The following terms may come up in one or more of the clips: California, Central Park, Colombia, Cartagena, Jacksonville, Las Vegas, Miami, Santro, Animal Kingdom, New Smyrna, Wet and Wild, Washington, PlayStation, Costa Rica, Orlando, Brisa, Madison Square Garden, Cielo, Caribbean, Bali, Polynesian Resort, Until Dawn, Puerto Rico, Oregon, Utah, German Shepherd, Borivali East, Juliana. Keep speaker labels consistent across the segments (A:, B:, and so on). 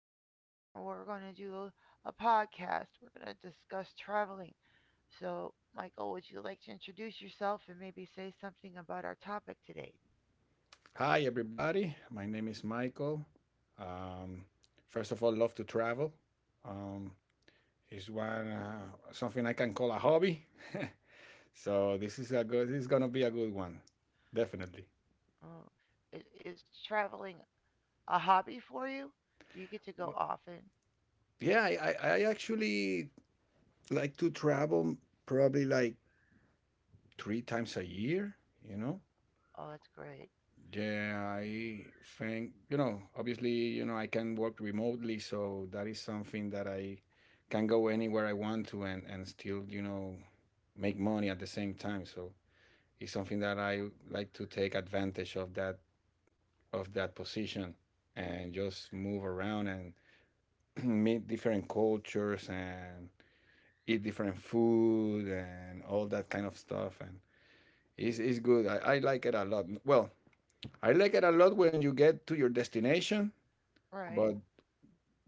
A: Michael, and we're going to do a podcast. We're going to discuss traveling. So, Michael, would you like to introduce yourself and maybe say something about our topic today?
B: Hi, everybody. My name is Michael. Um, first of all, love to travel. Um, it's one something I can call a hobby. This is gonna be a good one, definitely.
A: Oh, is traveling a hobby for you? Do you get to go
B: Wh-
A: often?
B: Yeah, I actually like to travel probably like three times a year. You know,
A: Oh, that's great.
B: Yeah, I think, obviously, I can work remotely, so that is something that I can go anywhere I want to and still, make money at the same time. So it's something that I like to take advantage of that position and just move around and meet different cultures and eat different food and all that kind of stuff. And it's good. I like it a lot. Well, I like it a lot when you get to your destination.
A: Right.
B: But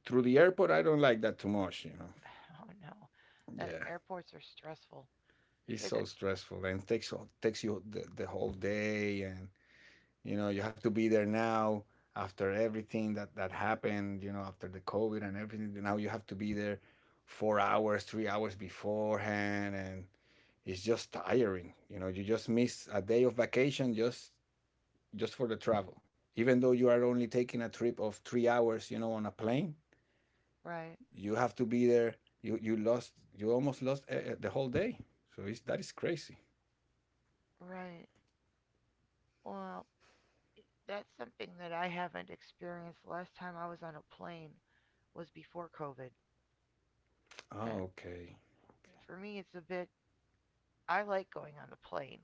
B: through the airport, I don't like that too much.
A: Oh no, that
B: Yeah,
A: airports are stressful.
B: it's
A: They d-
B: so stressful and takes you the whole day, and you know you have to be there now after everything that happened. You know, after the COVID and everything, now you have to be there 4 hours, 3 hours beforehand, and it's just tiring. You just miss a day of vacation just for the travel. Even though you are only taking a trip of 3 hours, on a plane,
A: right,
B: you have to be there. You lost. You almost lost the whole day. So that is crazy.
A: right. Well, that's something that I haven't experienced. Last time I was on a plane was before COVID, and
B: Oh, okay.
A: for me, it's a bit. I like going on the plane.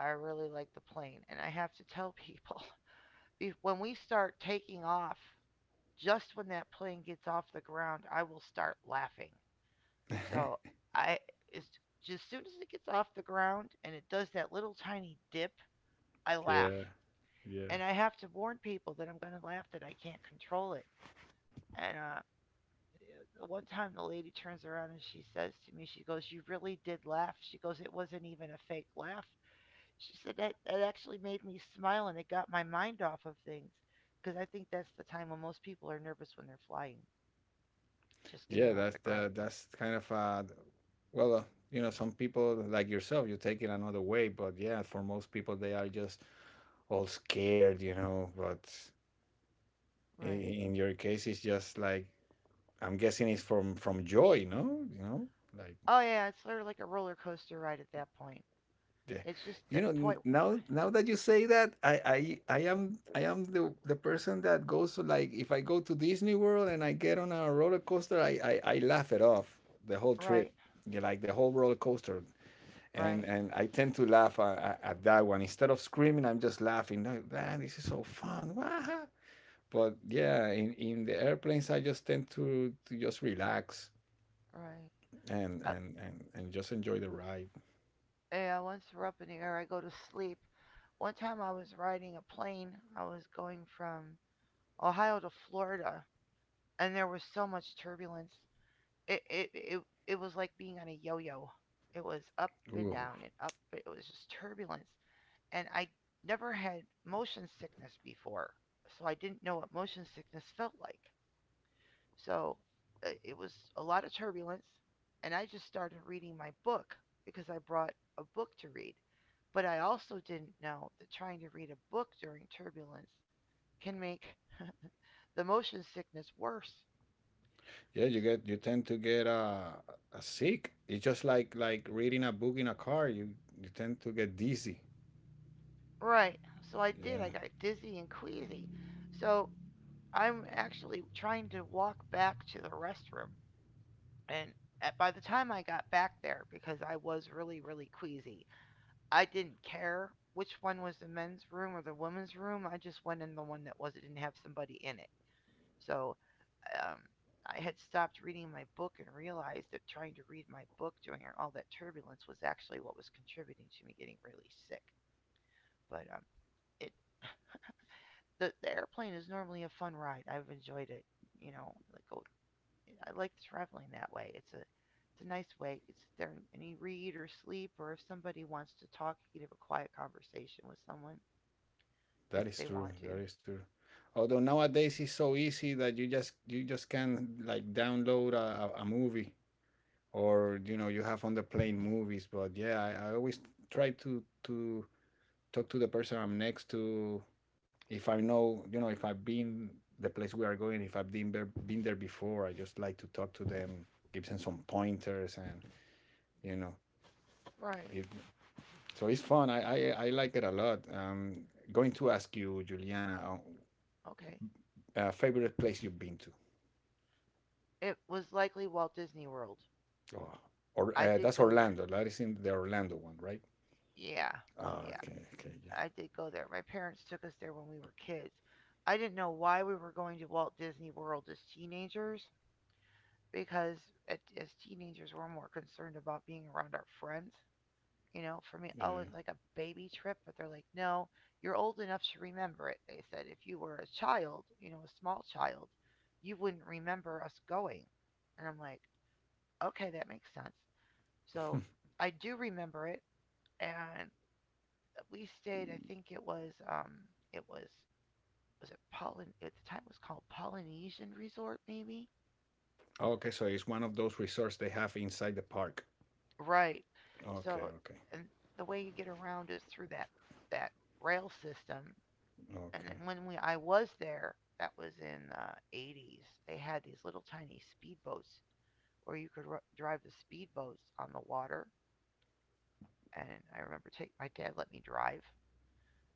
A: I really like the plane, and I have to tell people when we start taking off. Just when that plane gets off the ground, I will start laughing. So I as, as soon as it gets off the ground and it does that little tiny dip, I laugh.
B: yeah, yeah,
A: And I have to warn people that I'm going to laugh that I can't control it. And the one time the lady turns around and she says to me, she goes, "You really did laugh." She goes, "It wasn't even a fake laugh." She said that that actually made me smile and it got my mind off of things because I think that's the time when most people are nervous when they're flying, just getting
B: yeah.
A: off the ground.
B: That's kind of well, some people like yourself, you take it another way. But yeah, for most people, they are just all scared. But in,
A: Right.
B: in your case, it's just like I'm guessing it's from joy, no? Like
A: Oh yeah, it's sort of like a roller coaster ride at that point.
B: Yeah.
A: It's just
B: You
A: that
B: know,
A: point.
B: now now that you say that, I am the person that goes to like if I go to Disney World and I get on a roller coaster, I laugh it off the whole trip.
A: Right,
B: Yeah, like the whole roller coaster. And
A: right,
B: and I tend to laugh at that one. Instead of screaming, I'm just laughing. Like, Man, this is so fun. Wah!" But yeah, in the airplanes I just tend to just relax
A: right.
B: and,
A: Uh,
B: and, and, and just enjoy the ride.
A: yeah, once we're up in the air, I go to sleep. One time I was riding a plane. I was going from Ohio to Florida, and there was so much turbulence. It it it, it was like being on a yo-yo. It was up and
B: Ooh.
A: down and up. It was just turbulence, and I never had motion sickness before, so I didn't know what motion sickness felt like. So it was a lot of turbulence, and I just started reading my book because I brought a book to read. But I also didn't know that trying to read a book during turbulence can make the motion sickness worse.
B: Yeah, you tend to get sick. It's just like reading a book in a car. You tend to get dizzy.
A: Right. So I did.
B: Yeah,
A: I got dizzy and queasy. So I'm actually trying to walk back to the restroom. And by the time I got back there, because I was really queasy, I didn't care which one was the men's room or the women's room. I just went in the one that was it didn't have somebody in it. So um, I had stopped reading my book and realized that trying to read my book during all that turbulence was actually what was contributing to me getting really sick. But it the airplane is normally a fun ride. I've enjoyed it. You know, like go, I like traveling that way. It's a nice way. It's there and you read or sleep, or if somebody wants to talk, you can have a quiet conversation with someone if
B: that
A: they
B: is
A: want
B: true.
A: to.
B: That is true. Although nowadays it's so easy that you just can like download a movie or you have on the plane movies. But yeah, I always try to talk to the person I'm next to if I know, if I've been the place we are going, if I've been there before, I just like to talk to them, give them some pointers, and you know,
A: Right.
B: give, so it's fun. I like it a lot. Going to ask you, Juliana,
A: Okay.
B: favorite place you've been to?
A: It was likely Walt Disney World.
B: Oh, or
A: I did
B: that's
A: go there.
B: Orlando. That is in the Orlando one, right?
A: Yeah.
B: Oh,
A: Yeah.
B: okay, okay,
A: I did go there. My parents took us there when we were kids. I didn't know why we were going to Walt Disney World as teenagers because as teenagers we're more concerned about being around our friends. You know, for me, oh,
B: yeah.
A: it's like a baby trip, but they're like, no, you're old enough to remember it. They said if you were a child, you know, a small child, you wouldn't remember us going. And I'm like, okay, that makes sense.
B: Yeah.
A: So I do remember it, and we stayed. I think it was it was was it Polyn? At the time, it was called Polynesian Resort, maybe.
B: Okay, so it's one of those resorts they have inside the park.
A: Right.
B: Okay,
A: So,
B: okay,
A: and the way you get around is through that rail system. And then when we I was there, that was in the 80s. They had these little tiny speedboats where you could drive the speedboats on the water. And I remember take my dad let me drive.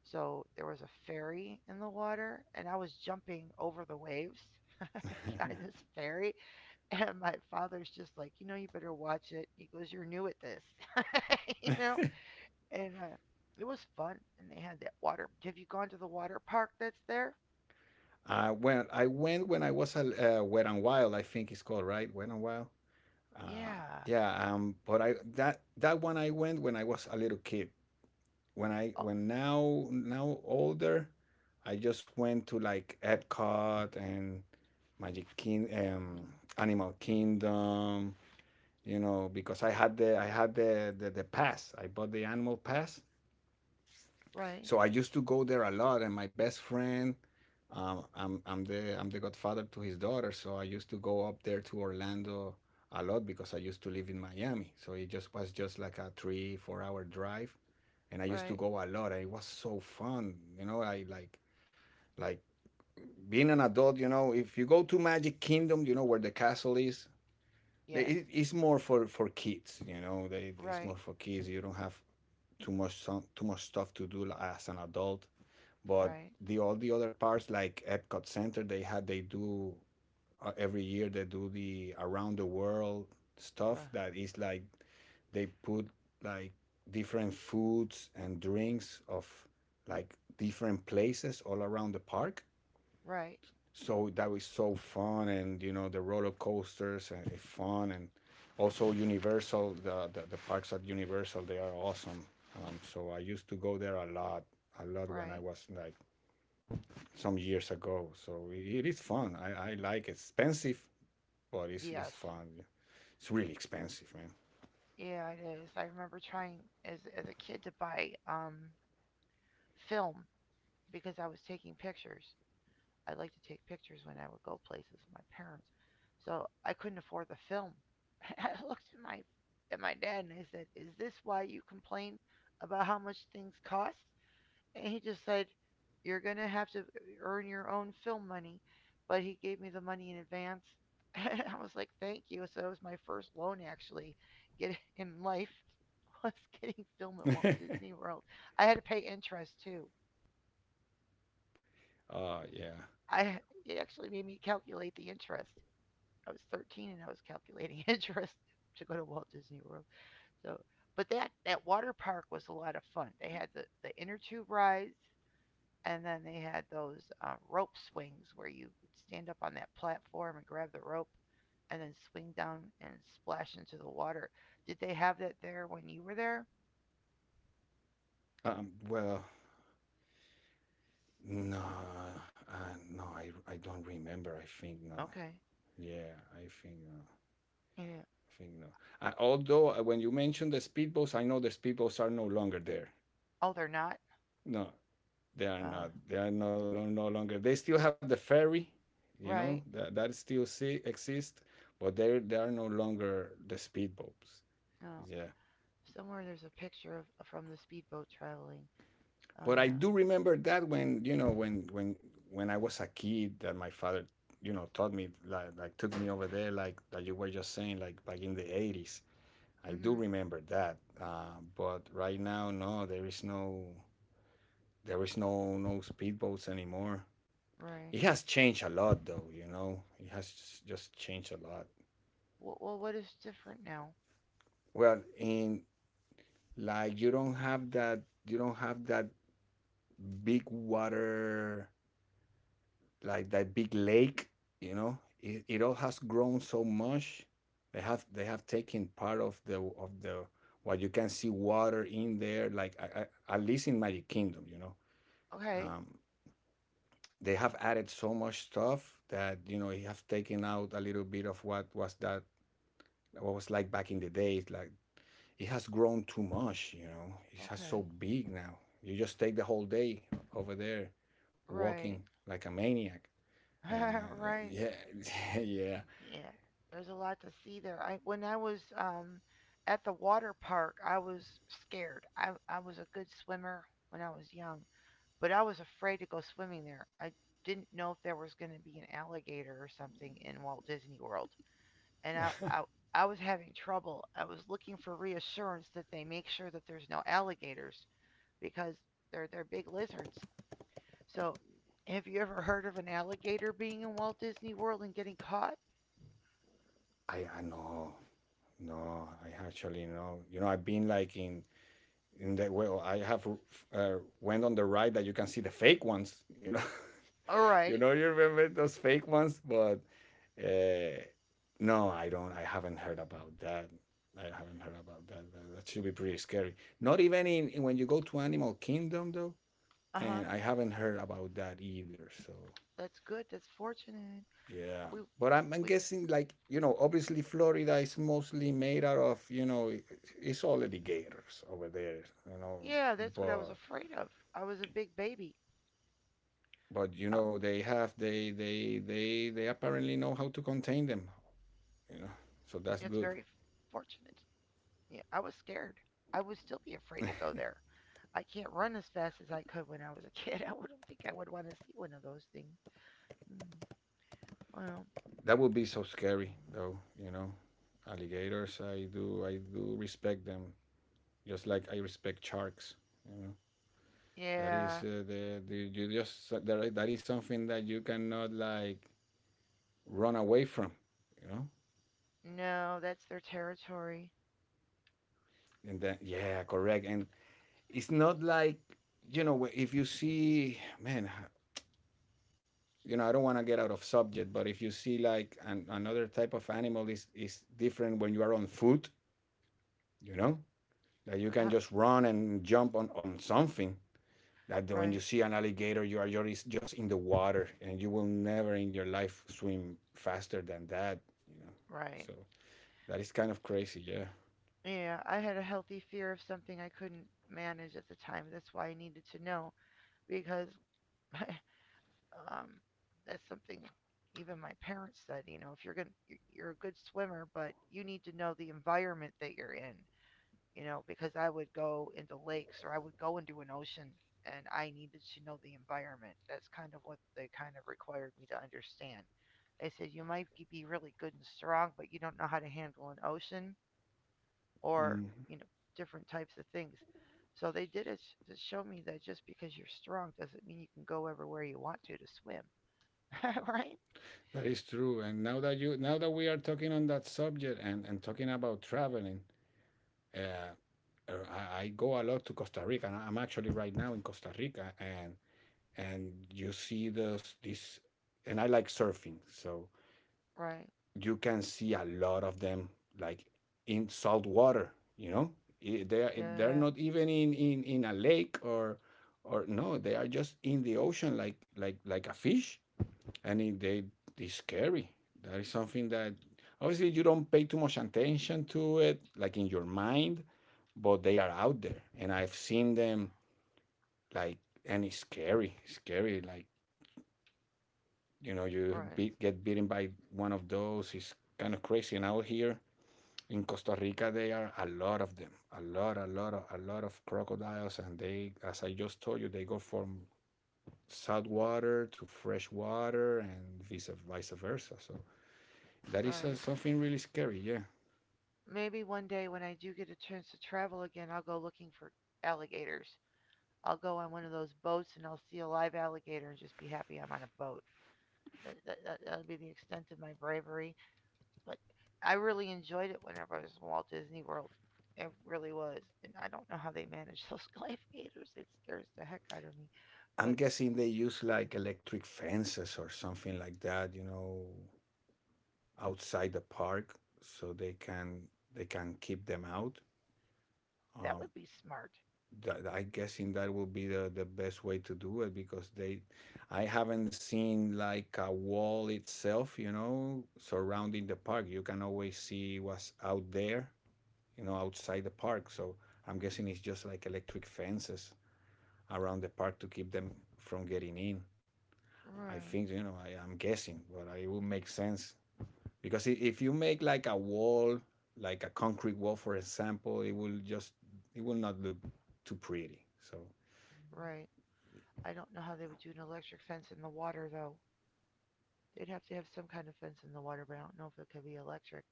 A: So there was a ferry in the water, and I was jumping over the waves
B: okay.
A: behind this ferry. And my father's just like, you know, you better watch it. He goes, you're new at this, you know. And it was fun. And they had that water. Have you gone to the water park that's there?
B: Well, I went when I was a Wet and Wild, I think it's called, right? Wet and Wild. Uh,
A: Yeah.
B: yeah. But I that that one I went when I was a little kid. When I
A: Oh,
B: when Now older, I just went to like Epcot and Magic King, Animal Kingdom. Because I had the pass. I bought the animal pass.
A: right,
B: So I used to go there a lot, and my best friend, I'm the godfather to his daughter, so I used to go up there to Orlando a lot because I used to live in Miami, so it just was just like a 3, 4 hour drive, and I used to
A: right.
B: go a lot, and it was so fun. I like being an adult, if you go to Magic Kingdom, you know where the castle is,
A: Yes.
B: it's more for kids. They, it's
A: Right,
B: more for kids. You don't have too much stuff to do as an adult. But
A: right,
B: the all the other parts like Epcot Center, they do every year they do the around the world stuff
A: right,
B: that is like they put like different foods and drinks of like different places all around the park.
A: right,
B: So that was so fun, and you know the roller coasters and it's fun, and also Universal, the parks at Universal, they are awesome. So I used to go there a lot when I
A: right.
B: was like some years ago. So it is fun. I like it. Expensive, but it's
A: Yes.
B: fun. Yeah. It's really expensive,
A: Yeah, it is. I remember trying as a kid to buy film because I was taking pictures. I like to take pictures when I would go places with my parents. So I couldn't afford the film. I looked at my dad and I said, "Is this why you complain about how much things cost?" And he just said, "You're going to have to earn your own film money." But he gave me the money in advance. I was like, "Thank you." So that was my first loan actually get in life was getting film at Walt
B: man.
A: Disney World. I had to pay interest too.
B: Yeah.
A: I it actually made me calculate the interest. I was 13 and I was calculating interest to go to Walt Disney World. So, but that water park was a lot of fun. They had the inner tube rides, and then they had those rope swings where you would stand up on that platform and grab the rope and then swing down and splash into the water. Did they have that there when you were there?
B: Well, no, no, I don't remember. I think no.
A: Okay.
B: Yeah, I think no.
A: Yeah.
B: I think no. Although when you mentioned the speedboats, I know the speedboats are no longer there.
A: Oh, they're not.
B: No, they are
A: Uh,
B: not. They are no longer. They still have the ferry,
A: right.
B: that, that still exist, but they are no longer the speedboats.
A: No.
B: Yeah.
A: Somewhere there's a picture of from the speedboat traveling. Oh
B: But I
A: yeah.
B: do remember that when you know when I was a kid that my father taught me like took me over there like that you were just saying like back in the 80s. I do
A: Mhm.
B: remember that but right now no there is no speedboats anymore.
A: Right.
B: It has changed a lot though it has just changed a lot.
A: Well, well, what is different now?
B: Well, in like you don't have that big water like that big lake. You know, it all has grown so much. They have they have taken part of the what you can see water in there like at least in Magic Kingdom.
A: Okay.
B: um, they have added so much stuff that you have taken out a little bit of what was like back in the days like. It has grown too much. It has so
A: Okay.
B: big now. You just take the whole day over there
A: Right.
B: walking like a maniac. And
A: Right.
B: yeah, yeah.
A: Yeah. There's a lot to see there. I when I was at the water park, I was scared. I was a good swimmer when I was young, but I was afraid to go swimming there. I didn't know if there was going to be an alligator or something in Walt Disney World, and I I was having trouble. I was looking for reassurance that they make sure that there's no alligators because they're big lizards. So, have you ever heard of an alligator being in Walt Disney World and getting caught?
B: I know, no, I actually know. I've been like in the well, I have uh, went on the ride that you can see the fake ones.
A: All right.
B: You remember those fake ones, but Uh, no, I don't. I haven't heard about that. I haven't heard about that. That should be pretty scary. Not even in when you go to Animal Kingdom though,
A: Uh huh.
B: and I haven't heard about that either. So
A: That's good. That's fortunate.
B: yeah,
A: We,
B: but I'm
A: we
B: guessing like obviously Florida is mostly made out of it's all alligators over there. You know,
A: yeah, that's what I was
B: but
A: afraid of. I was a big baby.
B: but
A: Uh,
B: they have they apparently know how to contain them. You know, so that's
A: that's
B: good.
A: very fortunate. Yeah, I was scared. I would still be afraid to go there. I can't run as fast as I could when I was a kid. I wouldn't think I would want to see one of those things. Mm, well,
B: That would be so scary though alligators I do respect them just like I respect sharks you know that
A: yeah,
B: is the you just that, That is something that you cannot like run away from you know
A: no, that's their territory.
B: and then, yeah, correct, and it's not like if you see man, I don't want to get out of subject but if you see like another type of animal is different when you are on foot you know that you can
A: Uh,
B: just run and jump on something that when
A: right.
B: you see an alligator you are just in the water and you will never in your life swim faster than that you know so
A: Right.
B: That is kind of crazy, yeah.
A: Yeah, I had a healthy fear of something I couldn't manage at the time. That's why I needed to know because um that's something even my parents said, you know, if you're going to you're a good swimmer, but you need to know the environment that you're in, you know, because I would go into lakes or I would go into an ocean and I needed to know the environment. That's kind of what they kind of required me to understand. They said you might be really good and strong, but you don't know how to handle an ocean or
B: mm,
A: you know different types of things. So they did it to show me that just because you're strong doesn't mean you can go everywhere you want to swim, right?
B: that is true. And now that you now that we are talking on that subject and talking about traveling uh, I go a lot to Costa Rica and I'm actually right now in Costa Rica and you see this and I like surfing so
A: Right.
B: you can see a lot of them like in salt water they're
A: Yeah.
B: not even in a lake or no they are just in the ocean like a fish and they it's scary that is something that obviously you don't pay too much attention to it like in your mind but they are out there and I've seen them like and it's scary scary like
A: Right.
B: get bitten by one of those. It's kind of crazy. And out here in Costa Rica, there are a lot of them, a lot of crocodiles, and they, as I just told you, they go from salt water to fresh water, and vice versa. So that is
A: Right.
B: something really scary. Yeah,
A: Maybe one day when I do get a chance to travel again, I'll go looking for alligators. I'll go on one of those boats and I'll see a live alligator and just be happy I'm on a boat. That will be the extent of my bravery. But I really enjoyed it whenever I was in Walt Disney World. It really was. And I don't know how they manage those gladiators. It scares the heck out of me. But
B: I'm guessing they use like electric fences or something like that, you know, outside the park, so they can keep them out.
A: that
B: Um,
A: would be smart.
B: that I guessing that will be the best way to do it because they I haven't seen like a wall itself, you know, surrounding the park. You can always see what's out there, you know, outside the park. So I'm guessing it's just like electric fences around the park to keep them from getting in. I
A: Right,
B: think, you know, I am guessing, but it will make sense. Because if you make like a wall, like a concrete wall, for example, it will not look too pretty. So
A: right. I don't know how they would do an electric fence in the water though. They'd have to have some kind of fence in the water, but I don't know if it could be electric.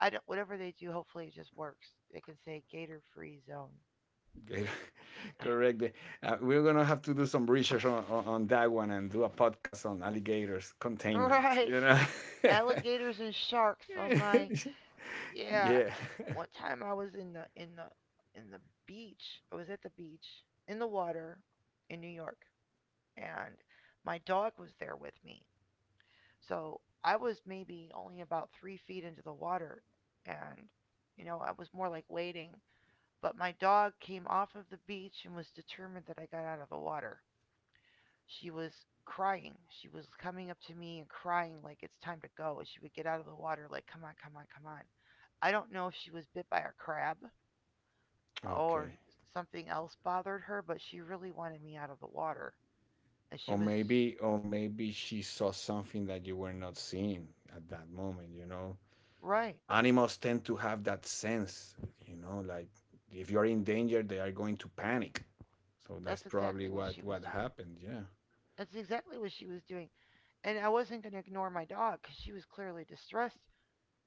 A: I don't whatever they do, hopefully it just works. They can say gator free zone.
B: good. Correct. We're gonna have to do some research on that one and do a podcast on alligators containment.
A: Right.
B: You know.
A: Alligators and sharks. Oh my. Yeah,
B: Yeah.
A: one time I was in the in the in the beach. I was at the beach in the water in New York, and my dog was there with me. So I was maybe only about 3 feet into the water, and you know I was more like waiting. But my dog came off of the beach and was determined that I got out of the water. She was crying. She was coming up to me and crying like it's time to go. And she would get out of the water like, come on, come on, come on. I don't know if she was bit by a crab
B: Okay.
A: or something else bothered her, but she really wanted me out of the water. And she
B: Or
A: was just.
B: maybe, or maybe she saw something that you were not seeing at that moment. You know,
A: Right.
B: animals tend to have that sense. You know, like if you're in danger, they are going to panic. So that's
A: That's
B: probably
A: exactly what
B: what
A: she was
B: what
A: doing.
B: happened. Yeah.
A: That's exactly what she was doing. And I wasn't going to ignore my dog because she was clearly distressed.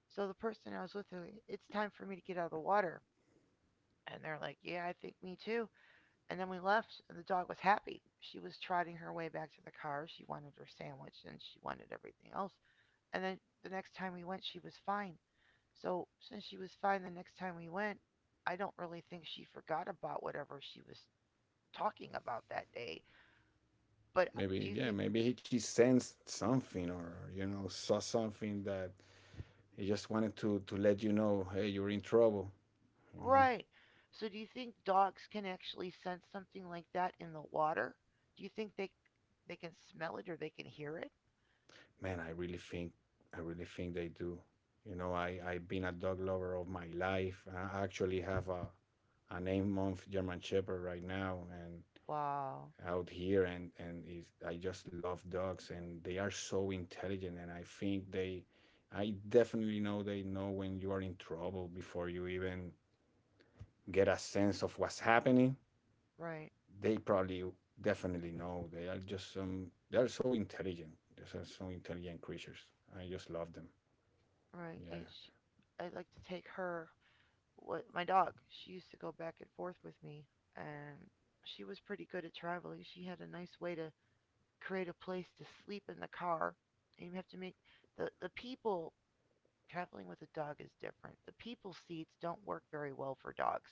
A: So the person I was with, like, it's time for me to get out of the water. And they're like, yeah, I think me too. And then we left, and the dog was happy. She was trotting her way back to the car. She wanted her sandwich and she wanted everything else. And then the next time we went, she was fine. So, since she was fine the next time we went, I don't really think she forgot about whatever she was talking about that day. But do
B: Maybe,
A: you
B: yeah,
A: think,
B: maybe he she sensed something or you know saw something that he just wanted to let you know, hey, you're in trouble, you know.
A: right? So, do you think dogs can actually sense something like that in the water? Do you think they can smell it or they can hear it?
B: Man, I really think, I really think they do. You know, I've been a dog lover of my life. I actually have a an 8 month german shepherd right now. And
A: Wow.
B: out here, and is, I just love dogs, and they are so intelligent. And I think they, I definitely know they know when you are in trouble before you even get a sense of what's happening,
A: Right.
B: they probably definitely know. They are just they are so intelligent. They are so intelligent creatures. I just love them.
A: Right.
B: Yeah.
A: I'd like to take her what my dog. She used to go back and forth with me, and she was pretty good at traveling. She had a nice way to create a place to sleep in the car. And you have to make the people traveling with a dog is different. The people seats don't work very well for dogs.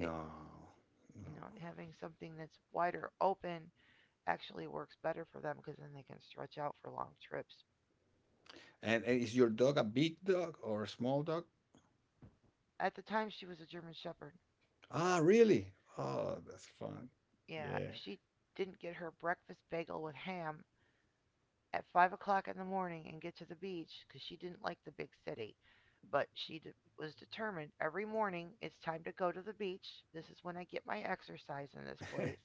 A: They
B: no.
A: having something that's wider open actually works better for them because then they can stretch out for long trips.
B: And is your dog a big dog or a small dog?
A: At the time, she was a German Shepherd.
B: Ah, really? Oh, that's fun.
A: Yeah,
B: Yeah.
A: if she didn't get her breakfast bagel with ham at 5 o'clock in the morning and get to the beach because she didn't like the big city. But she was determined every morning it's time to go to the beach. This is when I get my exercise in this place.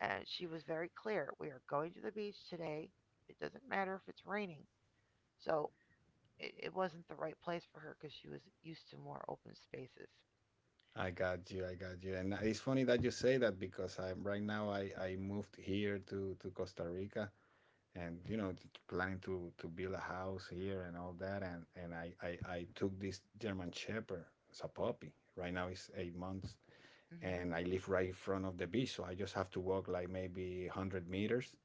A: And she was very clear we are going to the beach today. It doesn't matter if it's raining. So it wasn't the right place for her because she was used to more open spaces.
B: I got you. I got you. And it's funny that you say that because I'm right now I moved here to Costa Rica, and you know, planning to build a house here and all that. I took this german shepherd as a puppy. Right now it's 8 months,
A: Mm-hmm,
B: and I live right in front of the beach, so I just have to walk like maybe 100 meters.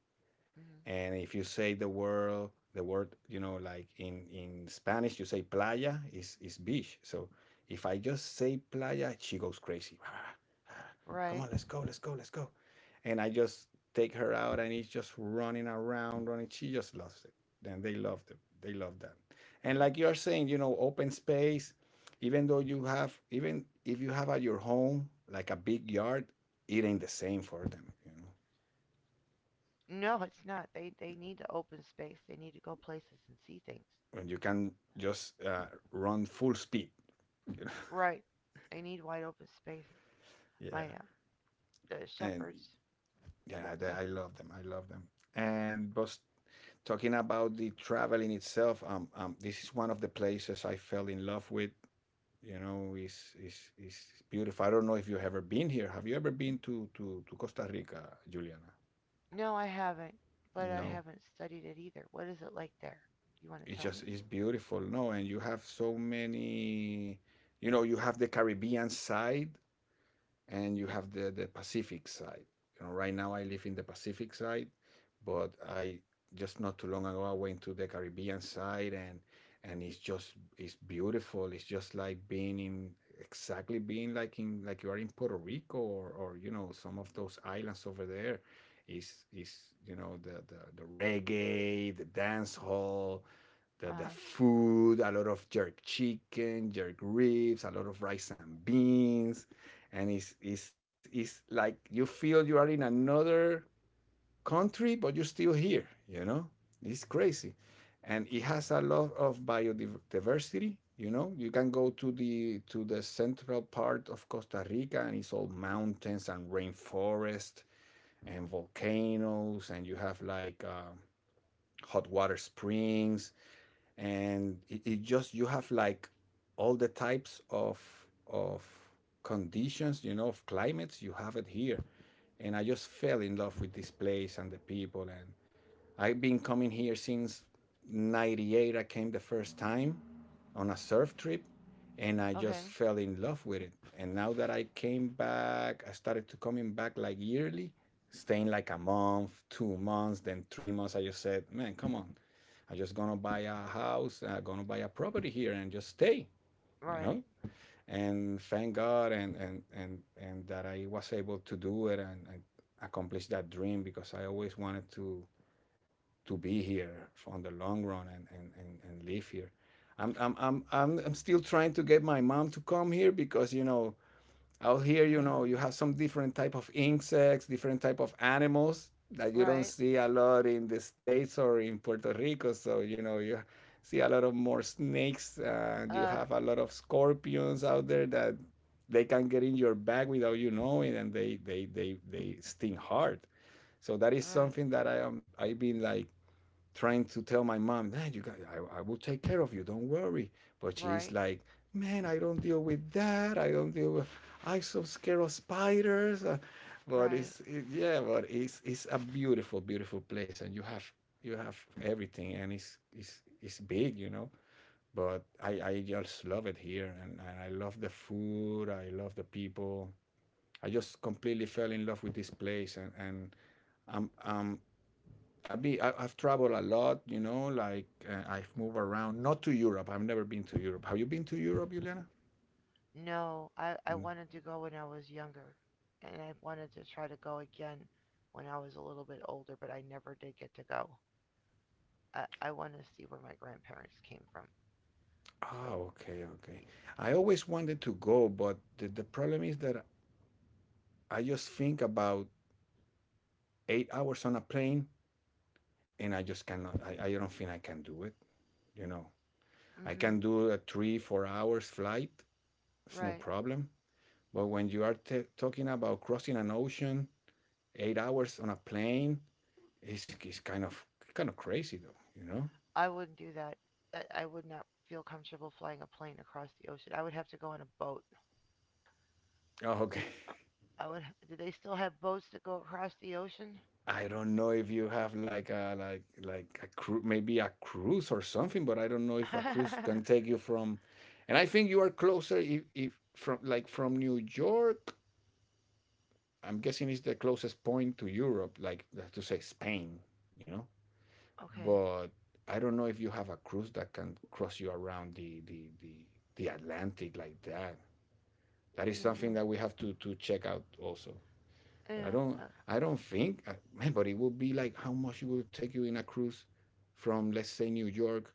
B: And
A: mm-hmm.
B: if you say the word, you know, like in spanish you say playa, is beach. So if I just say playa, she goes crazy. Come on,
A: Right.
B: let's go, let's go, let's go. And I just take her out, and it's just running around running, she just loves it. And they love it, they love that. And like you are saying, you know, open space. Even though you have, even if you have at your home like a big yard, it ain't the same for them, you know.
A: No, it's not. They need to open space. They need to go places and see things.
B: When you can just run full speed. You know?
A: Right. They need wide open spaces.
B: Yeah,
A: My the
B: and
A: shepherds.
B: yeah,
A: Whoops.
B: the, I love them. I love them. And but talking about the travel in itself, this is one of the places I fell in love with. You know, is beautiful. I don't know if you've ever been here. Have you ever been to Costa Rica, Juliana?
A: No, I haven't, but I
B: No,
A: haven't studied it either. What is it like there? You want to
B: it's
A: tell
B: just
A: me?
B: it's beautiful. No, and you have so many. You know, you have the Caribbean side, and you have the Pacific side. You know, right now I live in the Pacific side, but I, just not too long ago, I went to the Caribbean side. And it's just it's beautiful. It's just like being in, exactly being like in, like you are in Puerto Rico, or you know, some of those islands over there. Is You know, the reggae, the dance hall,
A: Uh
B: the
A: huh.
B: food, a lot of jerk chicken, jerk ribs, a lot of rice and beans. And it's like you feel you are in another country, but you're still here, you know? It's crazy. And it has a lot of biodiversity, you know? You can go to the central part of Costa Rica, and it's all mountains and rainforest and volcanoes. And you have like hot water springs. And it just, you have like all the types of of conditions, you know, of climates, you have it here. And I just fell in love with this place and the people. And I've been coming here since 98. I came the first time on a surf trip, and I just
A: Okay.
B: fell in love with it. And now that I came back, I started to coming back like yearly, staying like a month, 2 months, then 3 months. I just said, man, come on. I am just gonna buy a house, I gonna buy a property here and just stay, you
A: Right.
B: know? And thank God and that I was able to do it, and accomplish that dream, because I always wanted to be here on the long run, and live here. I'm still trying to get my mom to come here because, you know, out here, you know, you have some different type of insects, different type of animals that you don't
A: right.
B: see a lot in the States or in Puerto Rico. So, you know, you see a lot of more snakes, and you
A: Uh.
B: have a lot of scorpions out there that they can get in your bag without you knowing. And they sting hard. So that is
A: Right.
B: something that I am, I've been like trying to tell my mom, nah, you got, I will take care of you. Don't worry. But she's
A: Right.
B: like, man, I don't deal with that. I don't deal with, I'm so scared of spiders. But
A: Right.
B: yeah, but it's a beautiful, beautiful place. And you have everything, and it's big, you know, but I just love it here. And I love the food. I love the people. I just completely fell in love with this place. And, and I'm, I'm I've, I've traveled a lot, you know, like I've moved around, not to Europe. I've never been to Europe. Have you been to Europe, Juliana?
A: No, I
B: No.
A: wanted to go when I was younger, and I wanted to try to go again when I was a little bit older, but I never did get to go. I want to see where my grandparents came from. So.
B: Oh, okay, okay. I always wanted to go, but the problem is that I just think about 8 hours on a plane, and I just cannot, I don't think I can do it, you know. I can
A: Mm-hmm.
B: do a three, 4 hours flight, it's no
A: Right.
B: problem. But when you are talking about crossing an ocean, 8 hours on a plane, it's kind of crazy though, you know.
A: I wouldn't do that. I would not feel comfortable flying a plane across the ocean. I would have to go on a boat.
B: Oh, okay.
A: I would. Do they still have boats that go across the ocean?
B: I don't know if you have like a a maybe a cruise or something, but I don't know if
A: okay.
B: a cruise can take you from. And I think you are closer if from like from New York. I'm guessing it's the closest point to Europe, like let to say Spain, you know.
A: I
B: But I don't know if you have a cruise that can cross you around the Atlantic like that. That is
A: don't
B: something
A: know.
B: that we have to check out also. But I
A: Yeah.
B: don't, I don't think man, but it would be like how much it will take you in a cruise from let's say New York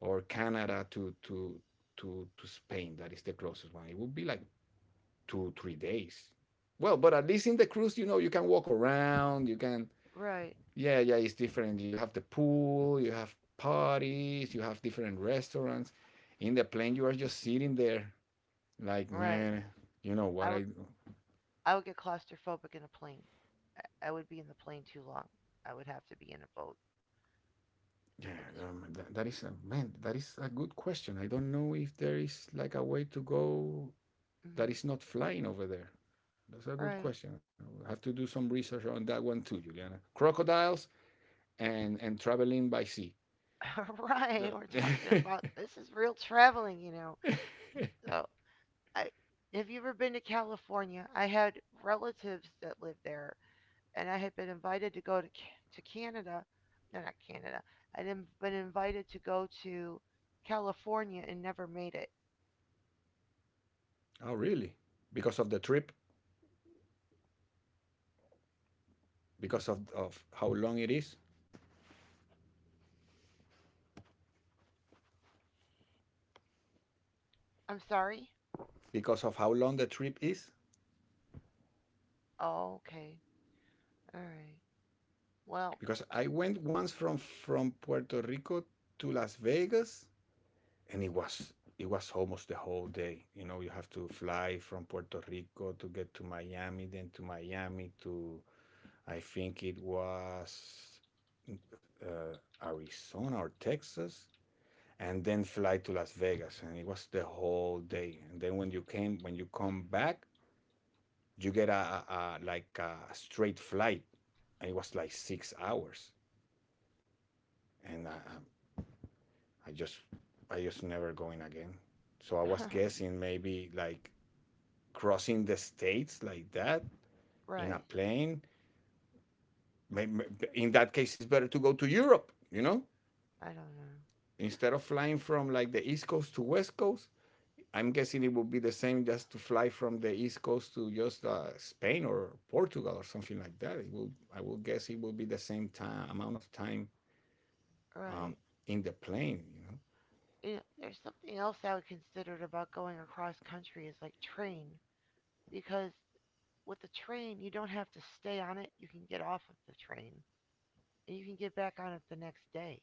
B: or Canada to Spain. That is the closest one. It would be like 2 3 days. Well, but at least in the cruise, you know, you can walk around. You can,
A: right.
B: yeah, yeah, it's different. You have the pool. You have parties. You have different restaurants. In the plane, you are just sitting there like
A: Right.
B: man. You know
A: I
B: what
A: would.
B: I,
A: I would get claustrophobic in a plane. I would be in the plane too long. I would have to be in a boat.
B: yeah,
A: I just.
B: that is a man. That is a good question. I don't know if there is like a way to go
A: Would.
B: that is not flying over there. That's a good
A: Right.
B: question. I will have to do some research on that one too, Juliana. Crocodiles and traveling by sea.
A: right. We're talking
B: The-
A: about this is real traveling, you know. So I, have you ever been to California? I had relatives that lived there, and I had been invited to go to Canada. No, not Canada. I had been invited to go to California and never made it.
B: oh, really? Because of the trip? Because of how long it is?
A: I'm sorry.
B: Because of how long the trip is?
A: Oh, okay. All right. Well,
B: Because
A: to,
B: I went once from Puerto Rico to Las Vegas, and it was almost the whole day. You know, you have to fly from Puerto Rico to get to Miami, then to Miami to I think it was uh, Arizona or Texas, and then fly to Las Vegas, and it was the whole day. And then when you come back, you get a like a straight flight, and it was like 6 hours, and I just I just never going again. So I was guessing maybe like crossing the states like that in a
A: right.
B: plane. In that case, it's better to go to Europe, you know,
A: I don't know.
B: instead of flying from like the East Coast to West Coast. I'm guessing it would be the same just to fly from the East Coast to just Spain or Portugal or something like that. I will guess it will be the same time amount of time um,
A: Right.
B: in the plane. You know,
A: You know, there's something else I would consider about going across country is like train because with the train you don't have to stay on it. You can get off of the train, and you can get back on it the next day.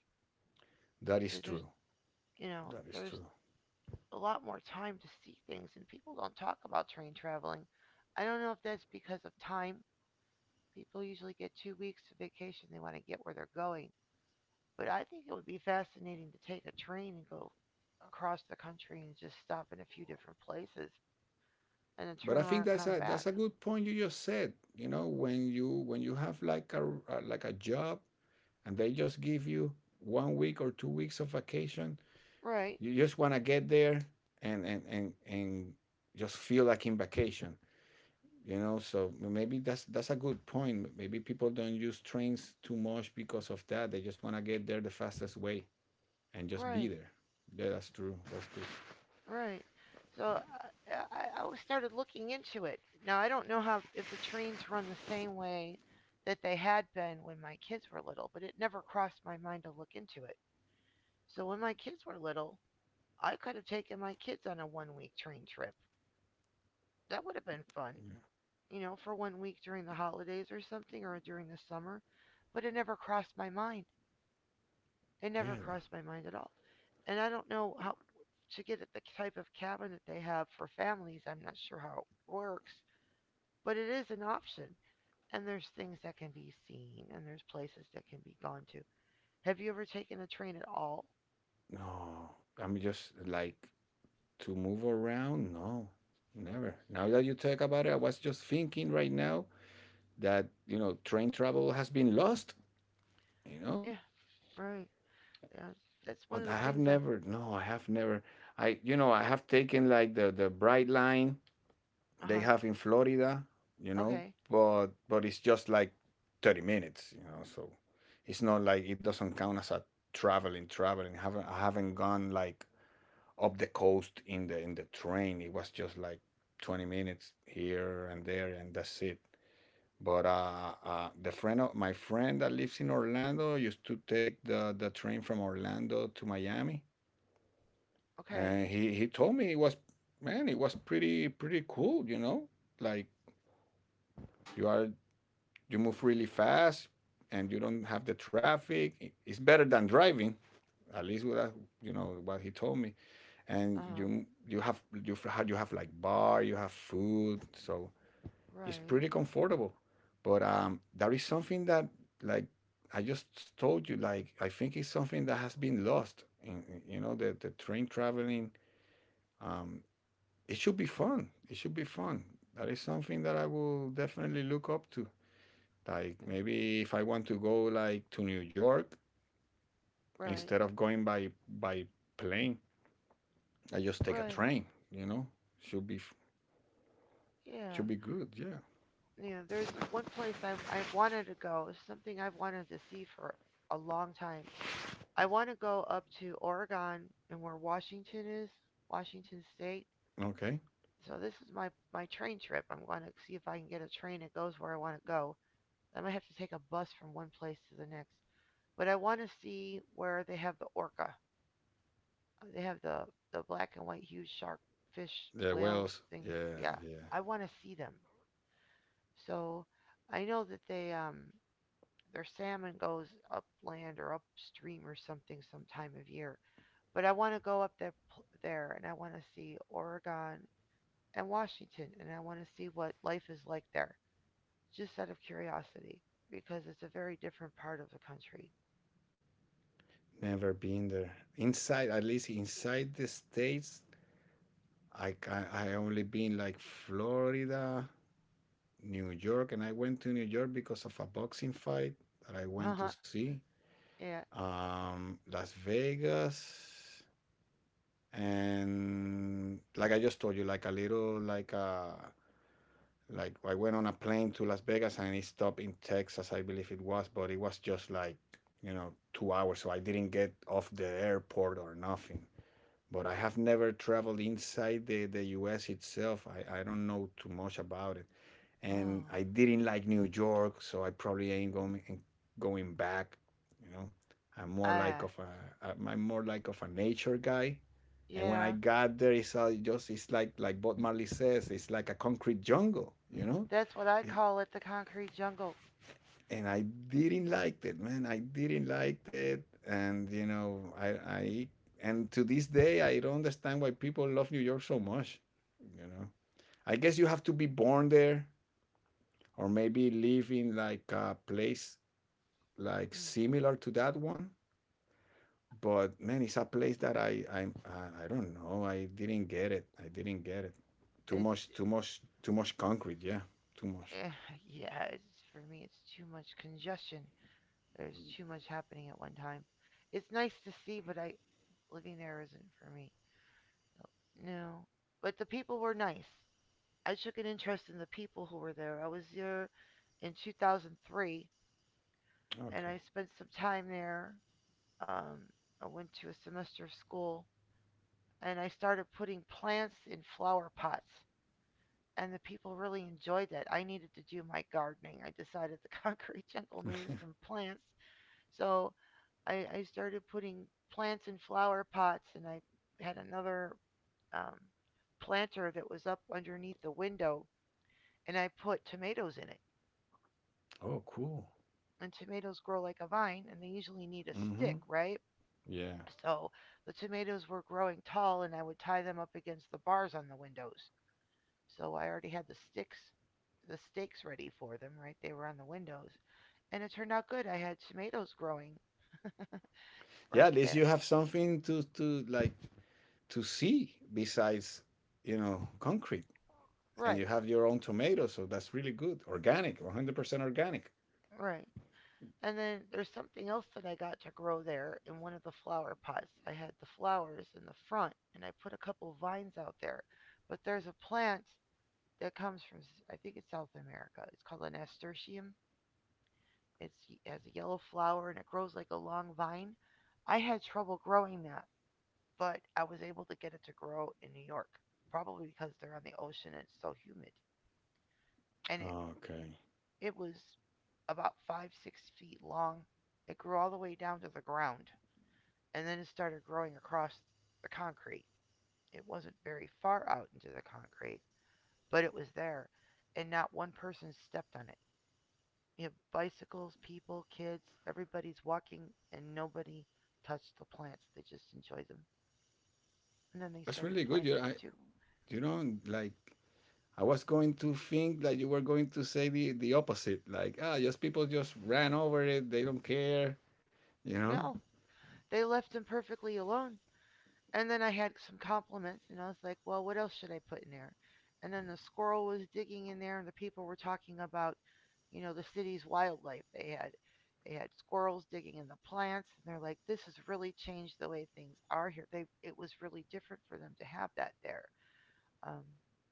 B: that is
A: So there's,
B: true.
A: you know,
B: That is
A: there's
B: true.
A: a lot more time to see things, and people don't talk about train traveling. I don't know if that's because of time. People usually get 2 weeks of vacation. They want to get where they're going. But I think it would be fascinating to take a train and go across the country and just stop in a few different places and then
B: But
A: turn
B: I
A: around
B: think
A: and
B: that's
A: come
B: a
A: back.
B: that's a good point you just said. You know, when you have like a like a job and they just give you 1 week or 2 weeks of vacation.
A: Right,
B: You just want to get there and, just feel like in vacation, you know? So maybe that's a good point. Maybe people don't use trains too much because of that. They just want to get there the fastest way and just be
A: right.
B: there. Yeah, that's true. That's true.
A: Right. So I was started looking into it. Now I don't know how if the trains run the same way that they had been when my kids were little, but it never crossed my mind to look into it. So when my kids were little, I could have taken my kids on a one week train trip. That would have been fun for one week during the holidays or something or during the summer, but it never crossed my mind. It
B: Yeah,
A: never
B: yeah.
A: crossed my mind at all. And I don't know how to get at the type of cabin that they have for families. I'm not sure how it works, but it is an option. And there's things that can be seen, and there's places that can be gone to. Have you ever taken a train at all?
B: No, I'm just like to move around. No, never. Now that you talk about it, I was just thinking right now that you know train travel has been lost, you know.
A: Yeah, right. Yeah, that's one
B: But
A: of the
B: I have
A: things that.
B: never, no, I have never, I, you know, I have taken like the bright line
A: Uh
B: they
A: huh.
B: have in Florida, you know,
A: Okay.
B: but it's just like 30 minutes, you know, so it's not like, it doesn't count as a traveling. I haven't gone like up the coast in the train. It was just like 20 minutes here and there, and that's it. But the friend of my friend that lives in Orlando used to take the train from Orlando to Miami,
A: Okay.
B: and he told me it was, man, it was pretty pretty cool, you know, like you are, you move really fast and you don't have the traffic. It's better than driving, at least with that, you know, what he told me.
A: Uh
B: And
A: huh.
B: you have like bar, you have food, so it's
A: Right.
B: pretty comfortable. But that is something that, like I just told you, like I think it's something that has been lost. You know, the train traveling, um, it should be fun. It should be fun. That is something that I will definitely look up to. Like
A: Yeah.
B: maybe if I want to go like to New York,
A: Right.
B: instead of going by plane, I just take a
A: Right.
B: train. You know, should be f-
A: Yeah.
B: should be good. Yeah.
A: Yeah. There's one place I wanted to go. Something I've wanted to see for a long time. I want to go up to Oregon and where Washington is, Washington State.
B: Okay.
A: So this is my train trip. I'm going to see if I can get a train that goes where I want to go. I might have to take a bus from one place to the next. But I want to see where they have the orca. They have the black and white huge shark fish
B: Yeah.
A: whales
B: Wells.
A: things.
B: Yeah.
A: Yeah,
B: Yeah.
A: I want to see them. So I know that they their salmon goes upland or upstream or something some time of year. But I want to go up there, and I want to see Oregon and Washington, and I want to see what life is like there, just out of curiosity, because it's a very different part of the country.
B: Never been there. Inside, at least inside the states, I I only been like Florida, New York, and I went to New York because of a boxing fight that I went to
A: Uh-huh.
B: see.
A: Yeah.
B: Las Vegas, and like I just told you, like a little like a, like I went on a plane to Las Vegas and it stopped in Texas, I believe it was, but it was just like, you know, 2 hours, so I didn't get off the airport or nothing. But I have never traveled inside the US itself. I don't know too much about it. And
A: Oh.
B: I didn't like New York, so I probably ain't going back, you know. I'm more like
A: Ah.
B: of a, I'm more like of a nature guy. And when I
A: Yeah.
B: got there, it's all just, it's like Bob Marley says, it's like a concrete jungle, you know.
A: That's what I call it, the concrete jungle.
B: And I didn't
A: Mm,
B: like it, man. I didn't like it, and you know, and to this day, I don't understand why people love New York so much. You know, I guess you have to be born there, or maybe live in like a place like
A: mm.
B: similar to that one. But man, it's a place that I don't know. I didn't get it. I didn't get it. Too
A: It's
B: much, too much, too much concrete. Yeah, too much.
A: eh, yeah. It's for me. It's too much congestion. There's too much happening at one time. It's nice to see, but I living there isn't for me. No. No. But the people were nice. I took an interest in the people who were there. I was there in 2003, and
B: Okay.
A: I spent some time there. Um, I went to a semester of school, and I started putting plants in flower pots. And the people really enjoyed that. I needed to do my gardening. I decided the concrete jungle needed some plants. So I started putting plants in flower pots, and I had another um, planter that was up underneath the window, and I put tomatoes in it.
B: Oh, cool.
A: And tomatoes grow like a vine and they usually need a
B: Mm-hmm.
A: stick, right?
B: Yeah.
A: So the tomatoes were growing tall and I would tie them up against the bars on the windows. So I already had the stakes ready for them, right? They were on the windows. And it turned out good. I had tomatoes growing
B: Yeah,
A: right
B: at least
A: there.
B: you have something to like to see besides, you know, concrete, and you
A: Right,
B: have your own tomatoes. So that's really good organic, 100% organic.
A: right. And then there's something else that I got to grow there in one of the flower pots. I had the flowers in the front and I put a couple vines out there. But there's a plant that comes from I think it's South America. It's called a nasturtium. It's has a yellow flower and it grows like a long vine. I had trouble growing that, but I was able to get it to grow in New York, probably because they're on the ocean and it's so humid. And it
B: Okay.
A: it was about five six feet long. It grew all the way down to the ground, and then it started growing across the concrete. It wasn't very far out into the concrete, but it was there, and not one person stepped on it. You have bicycles, people, kids. Everybody's walking, and nobody touched the plants. They just enjoyed them. And then they
B: That's
A: started
B: really good. You,
A: planting them
B: I,
A: too.
B: you know, like I was going to think that you were going to say the opposite, like ah, just people just ran over it, they don't care, you know.
A: No, they left them perfectly alone. And then I had some compliments, and I was like, well, what else should I put in there? And then the squirrel was digging in there, and the people were talking about the city's wildlife. They had squirrels digging in the plants, and they're like, this has really changed the way things are here. They it was really different for them to have that there. Um,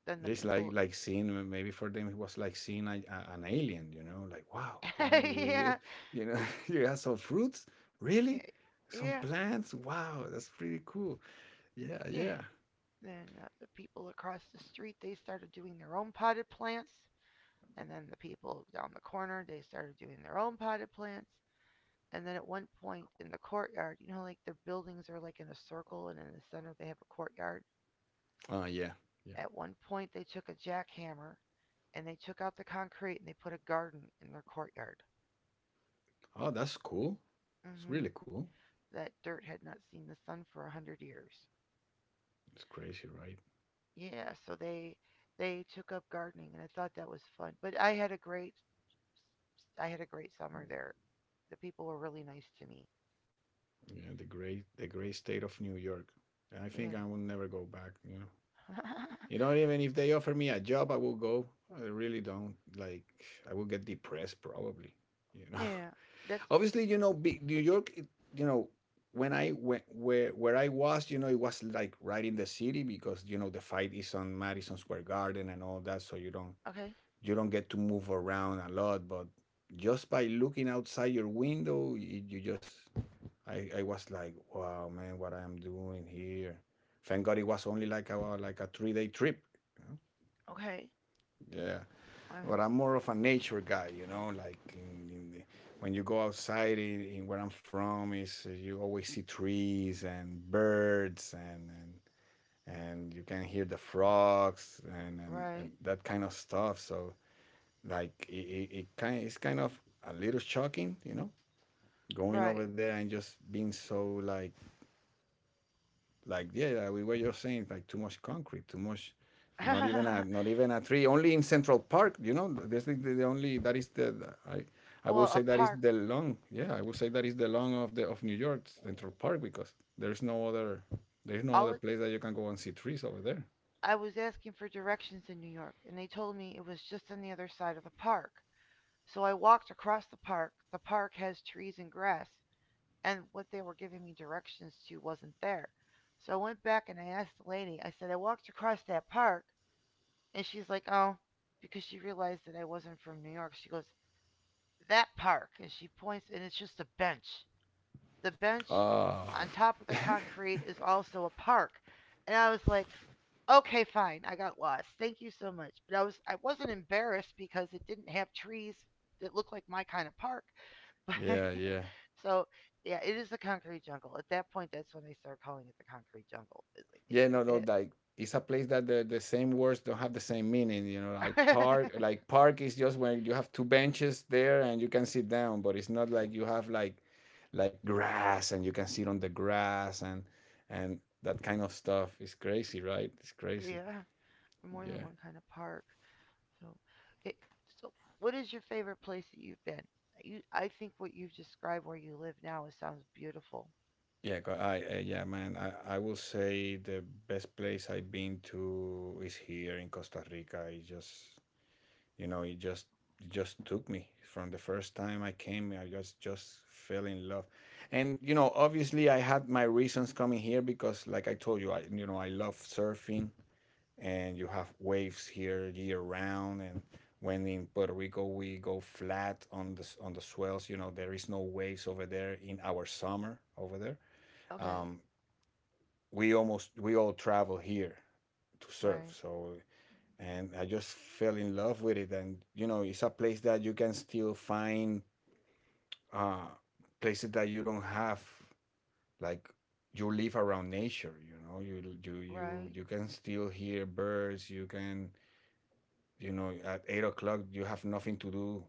A: than the
B: It's like
A: people
B: like seeing, maybe for them it was like seeing an alien, you know, like wow, you know, you,
A: yeah,
B: you know, you have some fruits, really,
A: eh,
B: some
A: yeah,
B: plants. Wow, that's pretty cool. Yeah,
A: yeah.
B: yeah.
A: Then the people across the street they started doing their own potted plants, and then the people down the corner they started doing their own potted plants. And then at one point in the courtyard, you know, like their buildings are like in a circle, and in the center they have a courtyard.
B: Oh yeah, yeah.
A: At one point, they took a jackhammer and they took out the concrete and they put a garden in their courtyard.
B: Oh, that's cool. It's
A: Hmm.
B: really cool.
A: That dirt had not seen the sun for a hundred years.
B: It's crazy, right?
A: Yeah, so they took up gardening, and I thought that was fun. But I had a great summer there. The people were really nice to me.
B: Yeah, the great, the great state of New York. I
A: Yeah,
B: think I will never go back. You know, even if they offer me a job, I will go. I really don't like. I will get depressed probably. You know.
A: yeah, that's
B: Obviously, you know, big New York. It, you know, when I went, where I was, you know, it was like right in the city because you know the fight is on Madison Square Garden and all that, so you don't,
A: okay,
B: you don't get to move around a lot. But just by looking outside your window, you just, I was like, wow, man, what I am doing here. Thank God it was only like a 3 day trip. You
A: okay,
B: know? Yeah.
A: uh,
B: But I'm more of a nature guy, you know, like when you go outside in where I'm from is you always see trees and birds, and, and you can hear the frogs,
A: right,
B: and that kind of stuff. So like it kind it's kind of a little shocking, you know, going
A: right.
B: over there and just being so like yeah, yeah, we were just saying like too much concrete, too much. Not even a tree. Only in Central Park, you know. This is the only, that is I will
A: well, a
B: say that is
A: park.
B: the long. Yeah, I will say that is the long of the of New York Central Park, because there's no other, there's no
A: All
B: other
A: it,
B: place that you can go and see trees over there.
A: I was asking for directions in New York, and they told me it was just on the other side of the park. So I walked across the park. The park has trees and grass, and what they were giving me directions to wasn't there. So I went back and I asked the lady, I said, I walked across that park. And she's like, oh, because she realized that I wasn't from New York. She goes, that park. And she points, and it's just a bench. The bench
B: Ah,
A: on top of the concrete is also a park. And I was like, okay, fine. I got lost. Thank you so much. But I wasn't embarrassed because it didn't have trees that looked like my kind of park. But
B: yeah, yeah.
A: so yeah, it is the concrete jungle. At that point, that's when they start calling it the concrete jungle.
B: Yeah, no,
A: It's
B: no,
A: like
B: like it's a place that the same words don't have the same meaning, you know, like
A: if it,
B: park, like park is just when you have two benches there and you can sit down, but it's not like you have like grass, and you can sit on the grass and that kind of stuff. It's crazy, right? It's crazy.
A: yeah, more than
B: Yeah.
A: one kind of park. So, it, so what is your favorite place that you've been? You, I think what you've described where you live now is sounds beautiful.
B: I, yeah, man. I will say the best place I've been to is here in Costa Rica. It's just, you know, it just took me from the first time I came. I just fell in love, and you know, obviously, I had my reasons coming here because, like I told you, I you know I love surfing, and you have waves here year round. And when in Puerto Rico we go flat on on the swells, you know, there is no waves over there in our summer over there.
A: Okay,
B: Um, we all travel here to surf.
A: right,
B: So, and I just fell in love with it. And you know, it's a place that you can still find, uh, places that you don't have. Like you live around nature, you know.
A: right,
B: You can still hear birds. You can, you know, at 8 o'clock you have nothing to do,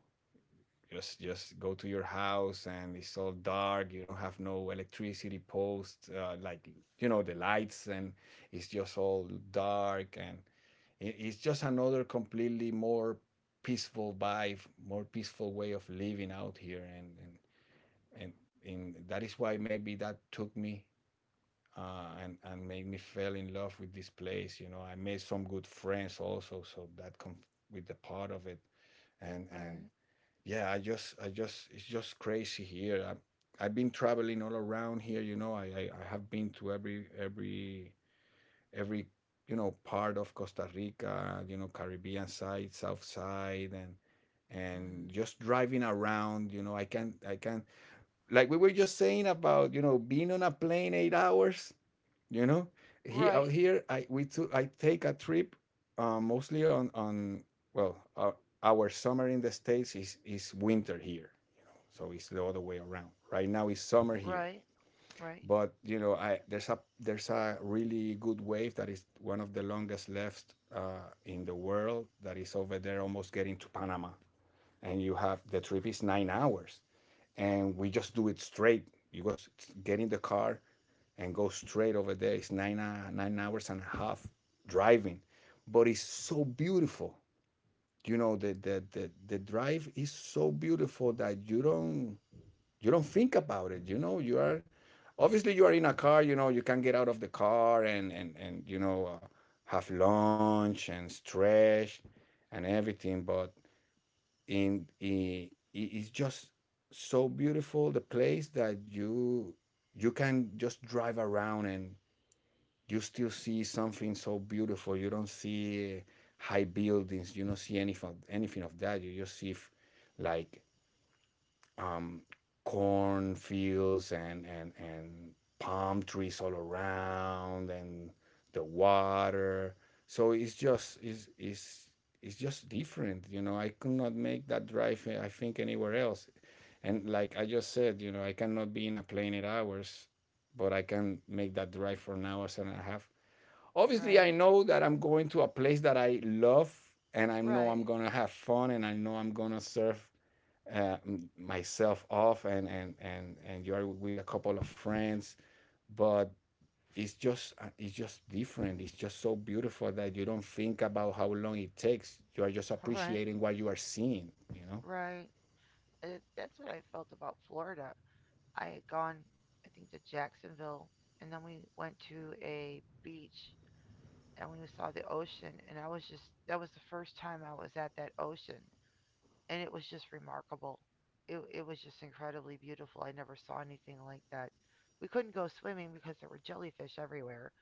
B: just go to your house, and it's all dark, you don't have no electricity post, like, you know, the lights, and it's just all dark, and it, it's just another completely more peaceful vibe, more peaceful way of living out here, and, and that is why maybe that took me, and made me fell in love with this place, you know. I made some good friends also, so that come with the part of it, and
A: right,
B: yeah, I just, it's just crazy here. I, I've been traveling all around here, you know. I have been to every, every you know, part of Costa Rica, you know, Caribbean side, south side, and
A: mm-hmm.
B: just driving around, you know, I can, like we were just saying about, you know, being on a plane 8 hours, you know, he out
A: Right,
B: here. I We took. I take a trip, mostly on well, uh, our summer in the states is winter here. You know, so it's the other way around. Right now it's summer here,
A: right, right,
B: but you know, I there's a really good wave that is one of the longest left in the world that is over there, almost getting to Panama, and you have the trip is 9 hours, and we just do it straight. You just get in the car, and go straight over there. It's 9 hours and a half driving, but it's so beautiful. You know the drive is so beautiful that you don't think about it. You know you are obviously you are in a car. You know you can get out of the car and you know have lunch and stretch and everything. But it's just so beautiful the place that you can just drive around and you still see something so beautiful. You don't see high buildings. You don't see anything of that. You just see like um, cornfields and palm trees all around and the water. So it's just it's it's just different. You know, I could not make that drive. I think anywhere else. And like I just said, you know, I cannot be in a plane at hours, but I can make that drive for an hour and a half. Obviously I
A: right,
B: know that I'm going to a place that I love, and I know I'm
A: right,
B: gonna have fun, and I know I'm gonna serve uh, myself off, and you are with a couple of friends. But it's just different. It's just so beautiful that you don't think about how long it takes. You are just
A: right,
B: appreciating what you are seeing, you know.
A: right. It, that's what I felt about Florida. I had gone, I think, to Jacksonville, and then we went to a beach and we saw the ocean, and I was just that was the first time I was at that ocean, and it was just remarkable. It was just incredibly beautiful. I never saw anything like that. We couldn't go swimming because there were jellyfish everywhere,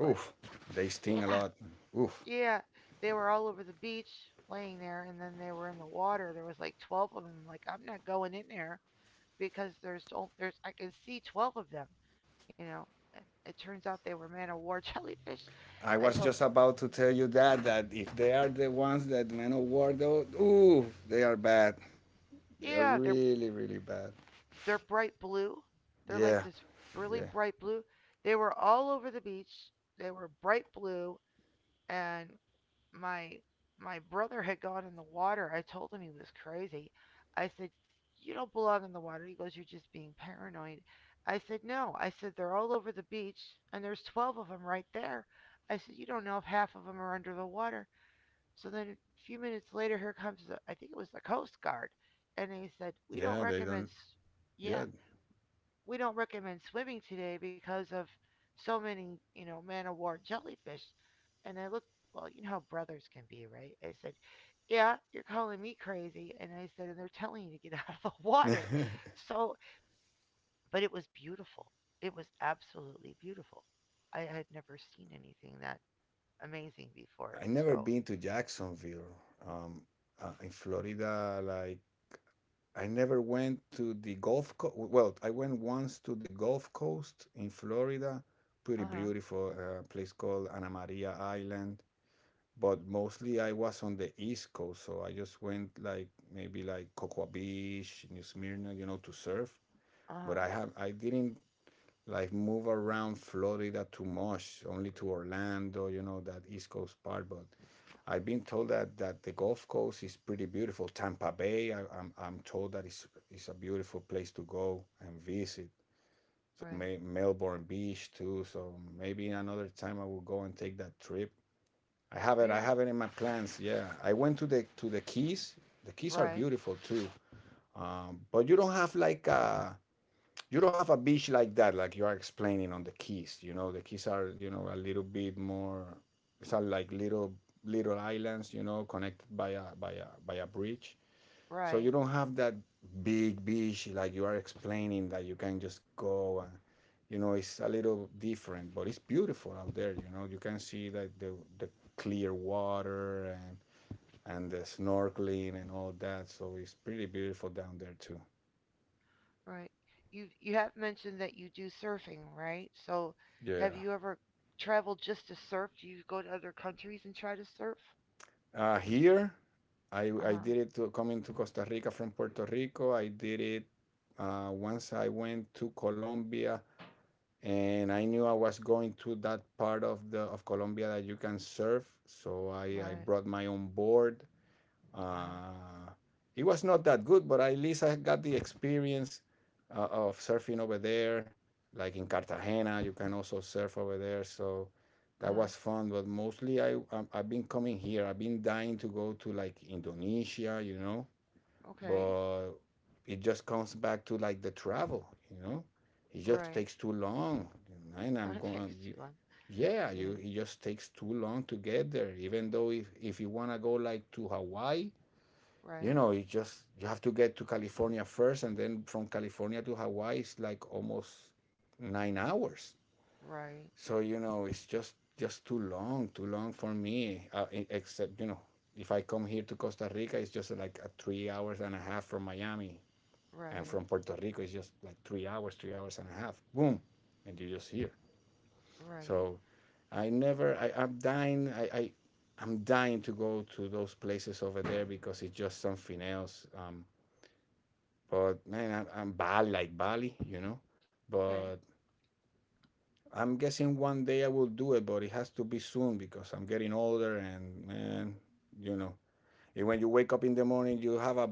A: but
B: Oof, they sting a
A: yeah,
B: lot. Oof.
A: yeah, they were all over the beach laying there, and then they were in the water. There was like 12 of them. Like, I'm not going in there because there's I can see 12 of them, you know. And it turns out they were man of war jellyfish.
B: I
A: I
B: was
A: thought,
B: just about to tell you that if they are the ones that men of war, though, ooh, they are bad. They are
A: yeah, they're
B: really, really bad.
A: they're bright blue. They're like
B: Yeah,
A: this really
B: yeah,
A: bright blue. They were all over the beach. They were bright blue and my my brother had gone in the water. I told him he was crazy. I said, "You don't belong in the water." He goes, "You're just being paranoid." I said, "No." I said, "They're all over the beach, and there's 12 of them right there." I said, "You don't know if half of them are under the water." So then a few minutes later, here comes the, I think it was the Coast Guard, and they said, "We don't
B: yeah. They don't.
A: recommend, yeah,
B: Yeah.
A: we don't recommend swimming today because of so many, you know, man of war jellyfish." And I looked, well, you know how brothers can be, right? I said, yeah, you're calling me crazy. And I said, and they're telling you to get out of the
B: I
A: water. So, but it was beautiful. It was absolutely beautiful. I had never seen anything that amazing before.
B: never
A: So,
B: been to Jacksonville. Um, in Florida, like I never went to the Gulf Coast. Well, I went once to the Gulf Coast in Florida. Pretty
A: uh huh,
B: beautiful place called Anna Maria Island. But mostly I was on the East Coast, so I just went like maybe like Cocoa Beach, New Smyrna, you know, to surf.
A: uh
B: But
A: huh,
B: I didn't like move around Florida too much, only to Orlando, you know, that East Coast part. But I've been told that the Gulf Coast is pretty beautiful. Tampa Bay, I'm told that it's a beautiful place to go and visit. So
A: right.
B: May, Melbourne Beach too. So maybe another time I will go and take that trip. I
A: Yeah,
B: have it in my plans. Yeah, I went to the Keys. The Keys are
A: right,
B: beautiful too. But you don't have like a you don't have a beach like that, like you are explaining on the keys. You know, the keys are, you know, a little bit more. It's are like little islands, you know, connected by a by a by a bridge. So
A: right,
B: you don't have that big beach like you are explaining that you can just go and you know it's a little different, but it's beautiful out there. You know, you can see like the clear water and the snorkeling and all that. So it's pretty beautiful down there too.
A: right. You have mentioned that you do surfing, right? So, have
B: Yeah.
A: you ever traveled just to surf? Do you go to other countries and try to surf?
B: Here,
A: Uh
B: I
A: huh,
B: did it to coming to Costa Rica from Puerto Rico. I did it once. I went to Colombia, and I knew I was going to that part of the of Colombia that you can surf. So I
A: right,
B: brought my own board.
A: uh huh,
B: uh, it was not that good, but at least I got the experience of surfing over there. Like in Cartagena, you can also surf over there. So
A: uh
B: that
A: huh.
B: was fun. But mostly, I've been coming here. I've been dying to go to like Indonesia, you know.
A: Okay.
B: But it just comes back to like the travel, you know. It just
A: Right.
B: takes too long, and I'm
A: it takes
B: going.
A: too long.
B: Yeah, you
A: Yeah.
B: it just takes too long to get there. Even though if you wanna go like to Hawaii, you
A: Right.
B: know, you have to get to California first, and then from California to Hawaii is like almost 9 hours.
A: Right.
B: So you know, it's just too long for me. Except you know, if I come here to Costa Rica, it's just like a 3 hours and a half from Miami, and
A: Right.
B: from Puerto Rico, it's just like 3 hours and a half. Boom, and you're just here.
A: Right.
B: So I never, I, I'm dying. I I'm dying to go to those places over there because it's just something else. But man, I'm Bali, like Bali, you know.
A: Okay.
B: But I'm guessing one day I will do it, but it has to be soon because I'm getting older and man, you know. And when you wake up in the morning, you have a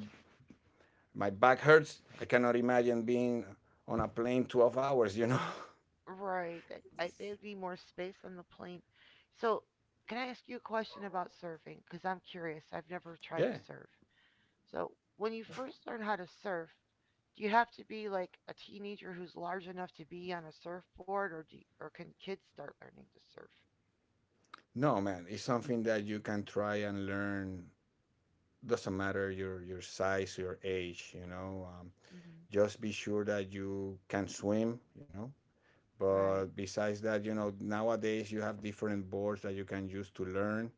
B: my back hurts. I cannot imagine being on a plane 12 hours, you know.
A: Right. There'd be more space on the plane. So, can I ask you a question about surfing? Because I'm curious. I've never tried to
B: Yeah.
A: surf. So, when you first learn how to surf, do you have to be like a teenager who's large enough to be on a surfboard, or can kids start learning to surf?
B: No, man, it's something that you can try and learn. Doesn't matter your size, your age, you know.
A: Hmm.
B: Just be sure that you can swim, you know.
A: Right.
B: But besides that, you know, nowadays you have different boards that you can use to learn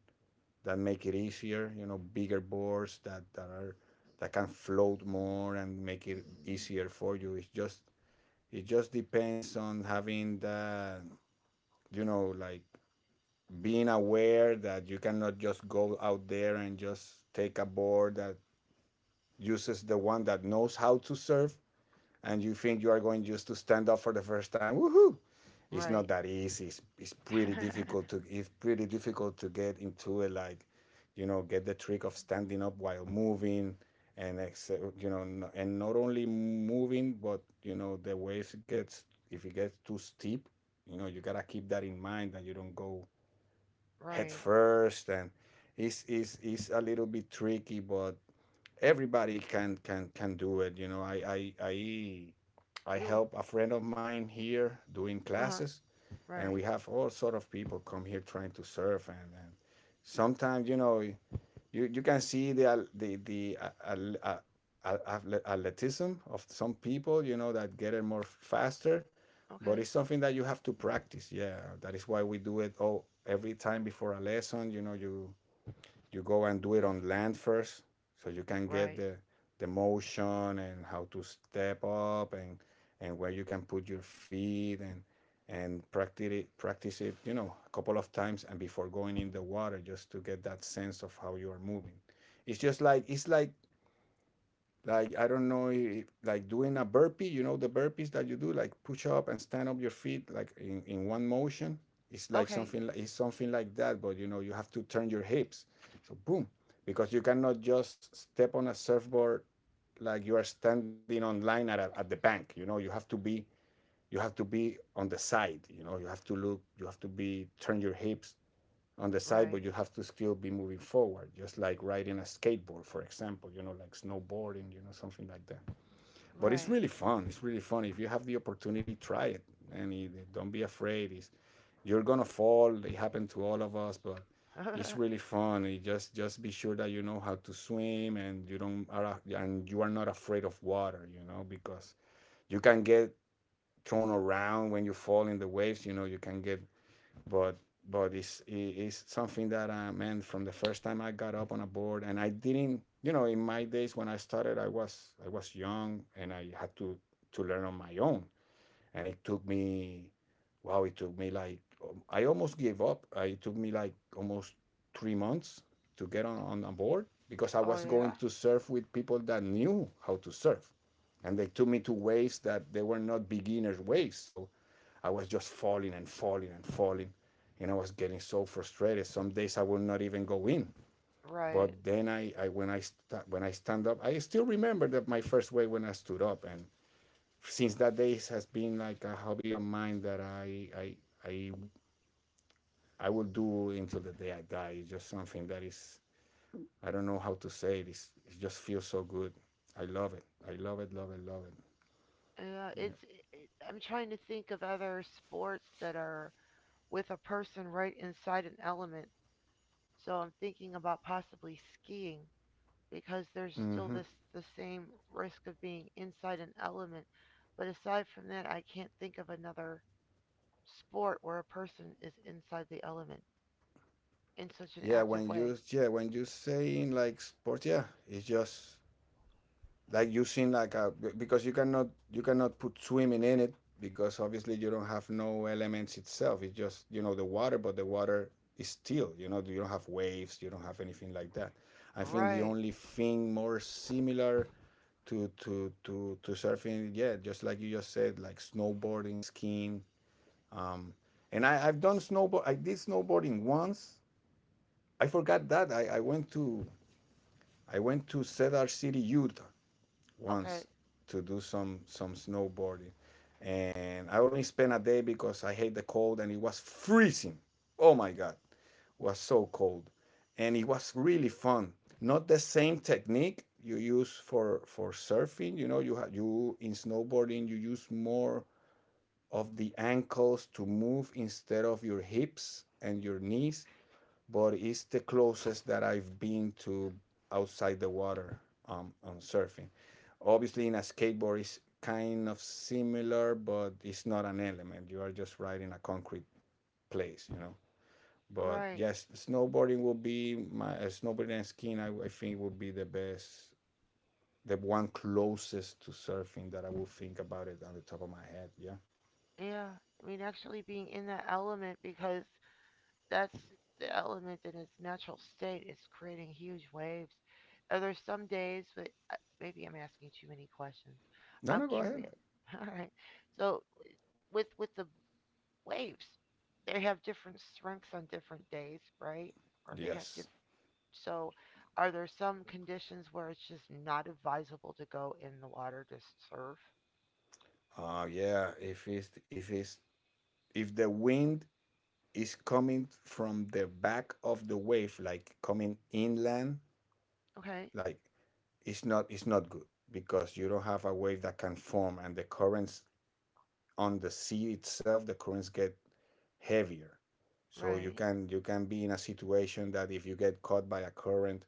B: that make it easier. You know, bigger boards that are that can float more and make it easier for you. It's just it just depends on having the you know like being aware that you cannot just go out there and just take a board that uses the one that knows how to surf and you think you are going just to stand up for the first time, woohoo! It's not
A: Right.
B: that easy. It's pretty difficult to it's pretty difficult to get into it. Like, you know, get the trick of standing up while moving, and ex- you know, no, and not only moving, but you know, the waves gets if it gets too steep, you know, you gotta keep that in mind that you don't go head
A: right.
B: first, and it's a little bit tricky, but everybody can do it. You know, I
A: You.
B: help a friend of mine here doing
A: Uh huh.
B: classes, and we
A: Right.
B: have all sort of people come here trying to surf, and sometimes you know you can see the al- athle- athleticism of some people, you know, that get it more faster. But
A: Okay.
B: it's something that you have to practice. Yeah, that is why we do it all every time before a lesson. You know, you go and do it on land first, so you can get
A: Right.
B: the motion and how to step up, and where you can put your feet, and practice it, you know, a couple of times and before going in the water just to get that sense of how you are moving. It's just like, it's like I don't know if like doing a burpee, you know the burpees that you do, like push up and stand up your feet like in one motion.
A: Okay.
B: It's something like that, but you know you have to turn your hips. So boom, because you cannot just step on a surfboard like you are standing on line at the bank. You know you have to be on the side. You know you have to look. You have to be turn your hips on the side, but
A: Right.
B: you have to still be moving forward, just like riding a skateboard, for example, you know, like snowboarding, you know, something like that. But it's
A: Right.
B: really fun. It's really fun. If you have the opportunity, try it. Don't be afraid. It's, you're going to fall. It happened to all of us, but it's really fun. You just be sure that you know how to swim and you don't are, and you are not afraid of water, you know, because you can get thrown around when you fall in the waves, you know, you can get but but it's something that I meant from the first time I got up on a board, and I didn't, you know. In my days when I started, I was young and I had to learn on my own, and it took me, wow, it took me like, I almost gave up. It took me like almost 3 months to get on a board, because I
A: oh
B: was going
A: yeah.
B: to surf with people that knew how to surf. And they took me to waves that they were not beginners waves, so I was just falling and falling and falling, and I was getting so frustrated, some days I would not even go in. But
A: Right.
B: then I when I sta when I stand up, I still remember that my first wave when I stood up. And since that day, has been like a hobby of mine that I I will do until the day I die. It's just something that is, I don't know how to say it. It's, it just feels so good. I love it. I love it. Love it. Love it.
A: Yeah.
B: Yeah.
A: It's. It, I'm trying to think of other sports that are with a person right inside an element. So I'm thinking about possibly skiing because there's still this
B: hmm
A: the same risk of being inside an element. But aside from that, I can't think of another sport where a person is inside the element in such an
B: Yeah.
A: active
B: When
A: way.
B: you yeah when you saying like sports, yeah, it's just like using like a, because you cannot put swimming in it, because obviously you don't have no elements itself, it's just, you know, the water. But the water is still, you know, you don't have waves, you don't have anything like that. I think the
A: Right.
B: only thing more similar to surfing, yeah, just like you just said, like snowboarding, skiing. um and I did snowboarding once. I forgot that I went to I went to Cedar City, Utah
A: Okay.
B: once to do some snowboarding, and I only spent a day because I hate the cold and it was freezing. Oh my god, it was so cold, and it was really fun. Not the same technique you use for surfing. You know, you in snowboarding, you use more of the ankles to move instead of your hips and your knees. But it's the closest that I've been to outside the water, on surfing. Obviously, in a skateboard, it's kind of similar, but it's not an element. You are just riding a concrete place, you know. But
A: Right.
B: yes, snowboarding will be my, snowboarding and skiing, I think would be the best, the one closest to surfing that I will think about it on the top of my head. Yeah.
A: Yeah, I mean, actually being in that element because that's the element in its natural state is creating huge waves. Are there some days, but maybe I'm asking too many questions.
B: No,
A: I'm
B: no, go ahead.
A: curious. All right. So with the waves, they have different strengths on different days, right? Or they have
B: Yes.
A: different. So are there some conditions where it's just not advisable to go in the water to surf?
B: Yeah. If it's if it's if the wind is coming from the back of the wave, like coming inland,
A: Okay.
B: like, it's not good, because you don't have a wave that can form. And the currents on the sea itself, the currents get heavier. So you
A: Right.
B: can, you can be in a situation that if you get caught by a current,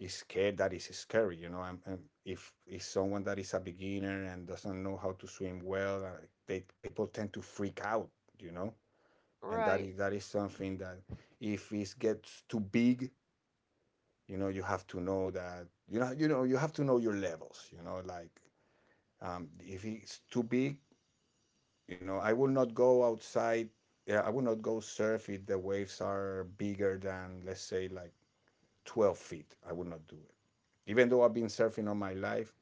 B: is scared that is scary, you know. And if it's someone that is a beginner and doesn't know how to swim well, they, people tend to freak out, you know. And
A: Right.
B: that is something that, if it gets too big, you know, you have to know that, you know, you know, you have to know your levels, you know, like, if it's too big, you know, I will not go outside. Yeah, I will not go surf if the waves are bigger than, let's say, like 12 feet. I would not do it, even though I've been surfing all my life.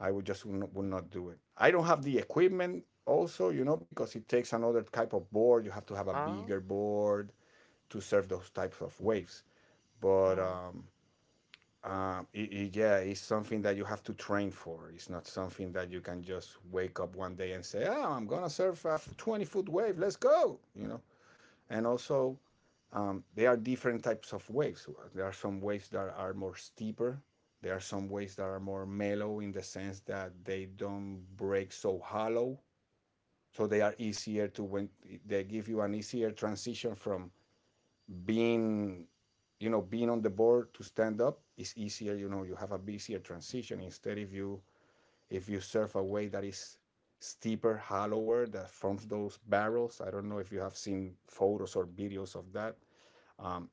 B: I would just would not do it. I don't have the equipment also, you know, because it takes another type of board. You have to have a
A: Oh.
B: bigger board to surf those types of waves.
A: Uh
B: but
A: huh.
B: um, um, i i yeah, it's something that you have to train for. It's not something that you can just wake up one day and say, "Oh, I'm gonna surf a 20-foot wave. Let's go!" You know. And also, there are different types of waves. There are some waves that are more steeper. There are some waves that are more mellow in the sense that they don't break so hollow. So they are easier to, when they give you an easier transition from being, you know, being on the board to stand up is easier. You know, you have a easier transition. Instead, if you surf a way that is steeper, hollower, that forms those barrels, I don't know if you have seen photos or videos of that. um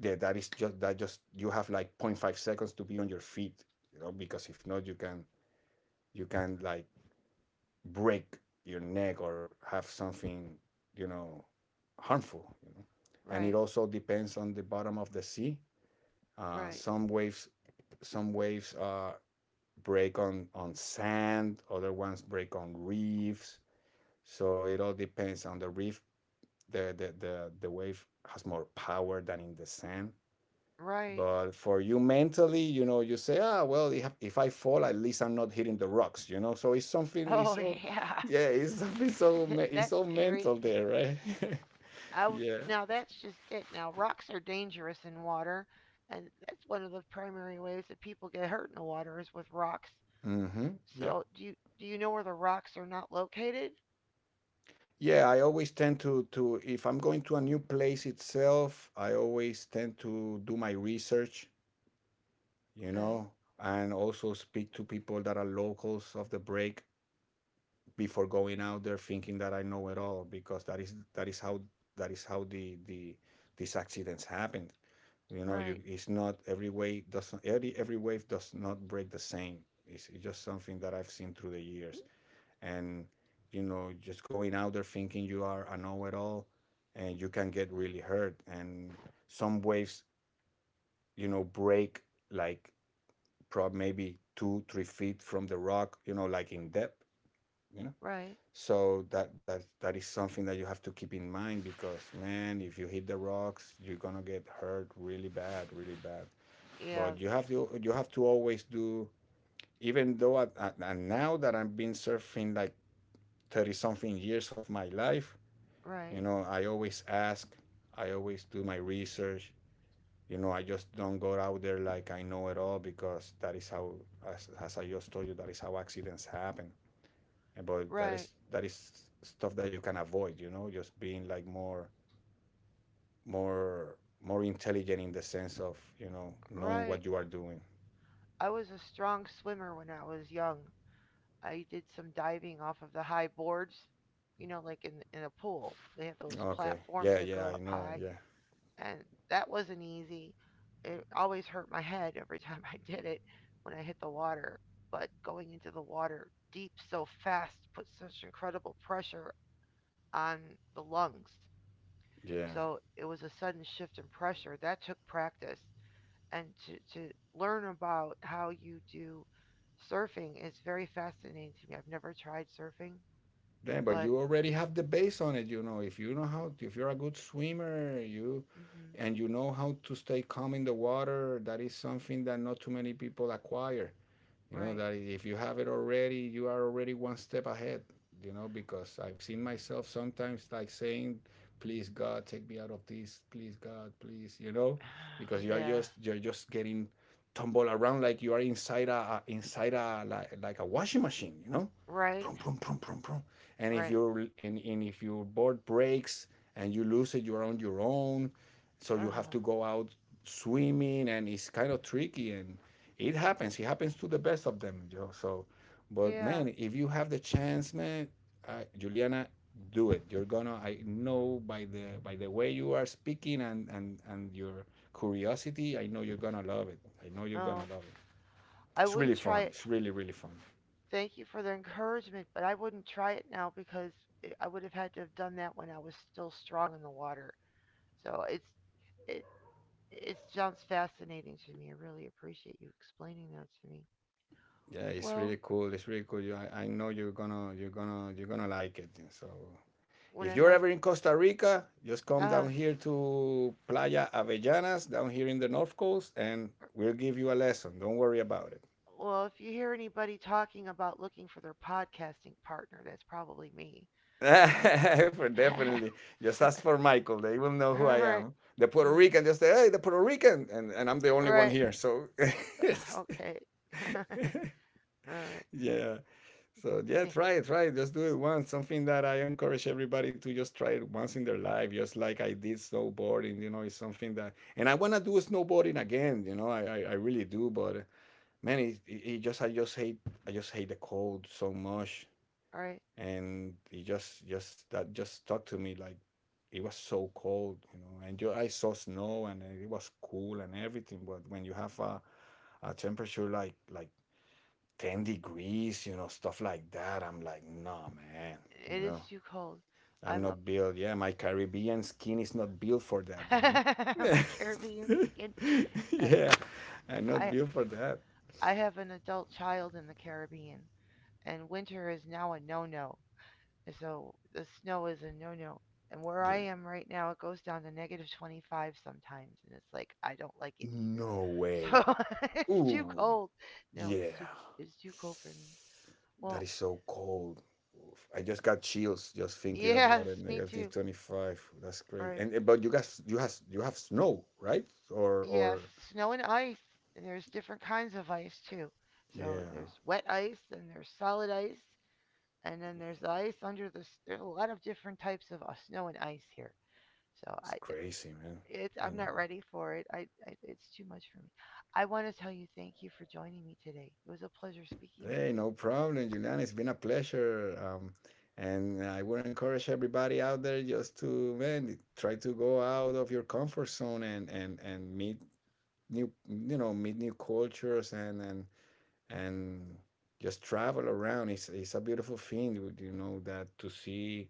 B: yeah, that is just that just you have like zero point 0.5 seconds to be on your feet. You know, because if not, you can, you can like break your neck or have something, you know, harmful, you know. And it
A: Right,
B: also depends on the bottom of the sea.
A: right,
B: Some waves, some waves, break on sand. Other ones break on reefs. So it all depends on the reef. The the wave has more power than in the sand.
A: right.
B: But for you mentally, you know, you say, ah, well, if I fall, at least I'm not hitting the rocks, you know. So it's something. It's
A: Oh
B: so,
A: yeah,
B: yeah, it's something so it's
A: that's
B: so
A: scary.
B: mental there, right? Yeah.
A: Now that's just it. Now rocks are dangerous in water, and that's one of the primary ways that people get hurt in the water is with rocks.
B: Mm-hmm. Yeah.
A: So do you know where the rocks are not located?
B: Yeah, I always tend to if I'm going to a new place itself, I always tend to do my research, you
A: Okay,
B: know, and also speak to people that are locals of the break before going out there, thinking that I know it all, because that is how that is how the the these accidents happen. You know, you
A: right,
B: it's not every way doesn't every wave does not break the same. It's just something that I've seen through the years. And, you know, just going out there thinking you are a know-it-all, and you can get really hurt. And some waves, you know, break like, prob maybe 2 3 feet from the rock, you know, like in depth, you know.
A: right,
B: So that is something that you have to keep in mind, because, man, if you hit the rocks, you're gonna get hurt really bad, really bad.
A: yeah,
B: But you have to always do, even though and now that I've been surfing like 30 something years of my life. You
A: right,
B: know, I always ask, I always do my research. You know, I just don't go out there like I know it all, because that is how, as I just told you, that is how accidents happen. But that
A: right,
B: is that is stuff that you can avoid. You know, just being like more, more, more intelligent in the sense of, you know, knowing
A: right.
B: what you are doing.
A: I was a strong swimmer when I was young. I did some diving off of the high boards, you know, like in a pool. They have those
B: Okay.
A: platforms
B: Yeah.
A: that go
B: Yeah. I
A: up
B: know.
A: high,
B: Yeah.
A: and that wasn't easy. It always hurt my head every time I did it when I hit the water. But going into the water deep so fast puts such incredible pressure on the lungs.
B: Yeah.
A: So it was a sudden shift in pressure that took practice, and to learn about how you do surfing is very fascinating to me. I've never tried surfing,
B: Then, but
A: but,
B: you already have the base on it. You know, if you know how, if you're a good swimmer, you,
A: mhm,
B: and you know how to stay calm in the water. That is something that not too many people acquire. You know
A: right.
B: that if you have it already, you are already one step ahead. You know, because I've seen myself sometimes like saying, "Please God, take me out of this. Please God, please." You know, because you are
A: Yeah.
B: just, you're just getting tumbled around like you are inside a like a washing machine. You know.
A: Right.
B: Prum, prum, prum, prum, prum. And
A: Right.
B: if your board breaks and you lose it, you're on your own. So you have
A: Oh,
B: to go out swimming, and it's kind of tricky. And it happens. It happens to the best of them, Joe. So, but
A: yeah.
B: man, if you have the chance, man, Juliana, do it. You're gonna, I know by the, by the way you are speaking, and your curiosity, I know you're gonna love it. I know you're gonna
A: Oh,
B: love it.
A: I
B: It's
A: wouldn't
B: really
A: try
B: fun.
A: it.
B: It's really really fun.
A: Thank you for the encouragement, but I wouldn't try it now because I would have had to have done that when I was still strong in the water. So it it sounds fascinating to me. I really appreciate you explaining that to me.
B: Yeah, it's
A: Well,
B: really cool. It's really cool. You, I know you're gonna like it. So
A: what
B: if
A: I
B: you're
A: might
B: ever in Costa Rica, just come
A: uh
B: down here to Playa Avellanas, down here in the North Coast, and
A: er,
B: we'll give you a lesson. Don't worry about it.
A: well, if you hear anybody talking about looking for their podcasting partner, that's probably me. So
B: For definitely. Just ask for Michael. They will know who I
A: alright.
B: am. The Puerto
A: Mm,
B: Rican, just say, hey, the Puerto Rican. And I'm the
A: all
B: only one
A: right.
B: here. So, it's,
A: Okay. Alright.
B: yeah. So yeah,
A: Think.
B: try it, try it. Just do it once. Something that I encourage everybody to just try it once in their life, just like I did snowboarding. You know, it's something that, and I wanna do snowboarding again. You know, I really do. But man, it just I just hate the cold so much.
A: Alright.
B: And it just that just stuck to me like, it was so cold. You know, and you, I saw snow, and it was cool and everything. But when you have a temperature like 10 degrees, you know, stuff like that. I'm like, no, man, you
A: It is
B: know,
A: too cold.
B: I'm
A: I'm up.
B: not built. Yeah, my Caribbean skin is not built for that, you know.
A: My Caribbean skin. Uh,
B: Yeah, I'm not
A: I
B: built for that.
A: I have an adult child in the Caribbean, and winter is now a no-no. So the snow is a no-no. And where I
B: Yeah,
A: am right now, it goes down to negative 25 sometimes, and it's like I don't like it either.
B: no
A: So
B: way.
A: it's too
B: Ooh,
A: cold. No,
B: yeah,
A: it's too cold for me.
B: that
A: Well,
B: is so cold. Oof. I just got chills just thinking about it.
A: yes, me
B: Negative
A: too.
B: 25. That's crazy.
A: Right.
B: And eh, but you guys, you have snow, right?
A: Yes,
B: Or
A: snow and ice. And there's different kinds of ice too. So
B: yeah.
A: there's wet ice and there's solid ice and then there's the ice under there's a lot of different types of snow and ice here. So
B: It's
A: I
B: crazy, man.
A: it's
B: I
A: I'm
B: know.
A: not ready for it. I it's too much for me. I want to tell you thank you for joining me today. It was a pleasure speaking with
B: Hey,
A: you.
B: no problem, Julian. It's been a pleasure. And I would encourage everybody out there just to, man, try to go out of your comfort zone, and meet new, you know, meet new cultures, and just travel around. It's a beautiful thing, you know, that to see,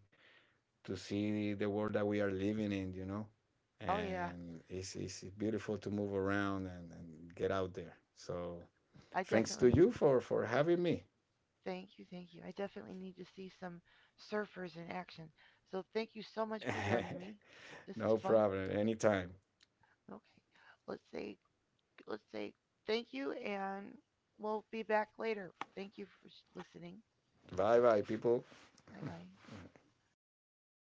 B: to see the world that we are living in, you know.
A: Oh yeah,
B: And it's beautiful to move around and get out there. So
A: I
B: thanks to
A: definitely need
B: you for having me.
A: thank you, thank you. I definitely need to see some surfers in action. So thank you so much for joining me. This
B: No
A: is fun.
B: problem. Anytime.
A: Okay. Let's say let's say thank you and we'll be back later. Thank you for listening.
B: Bye bye, people.
A: Bye bye.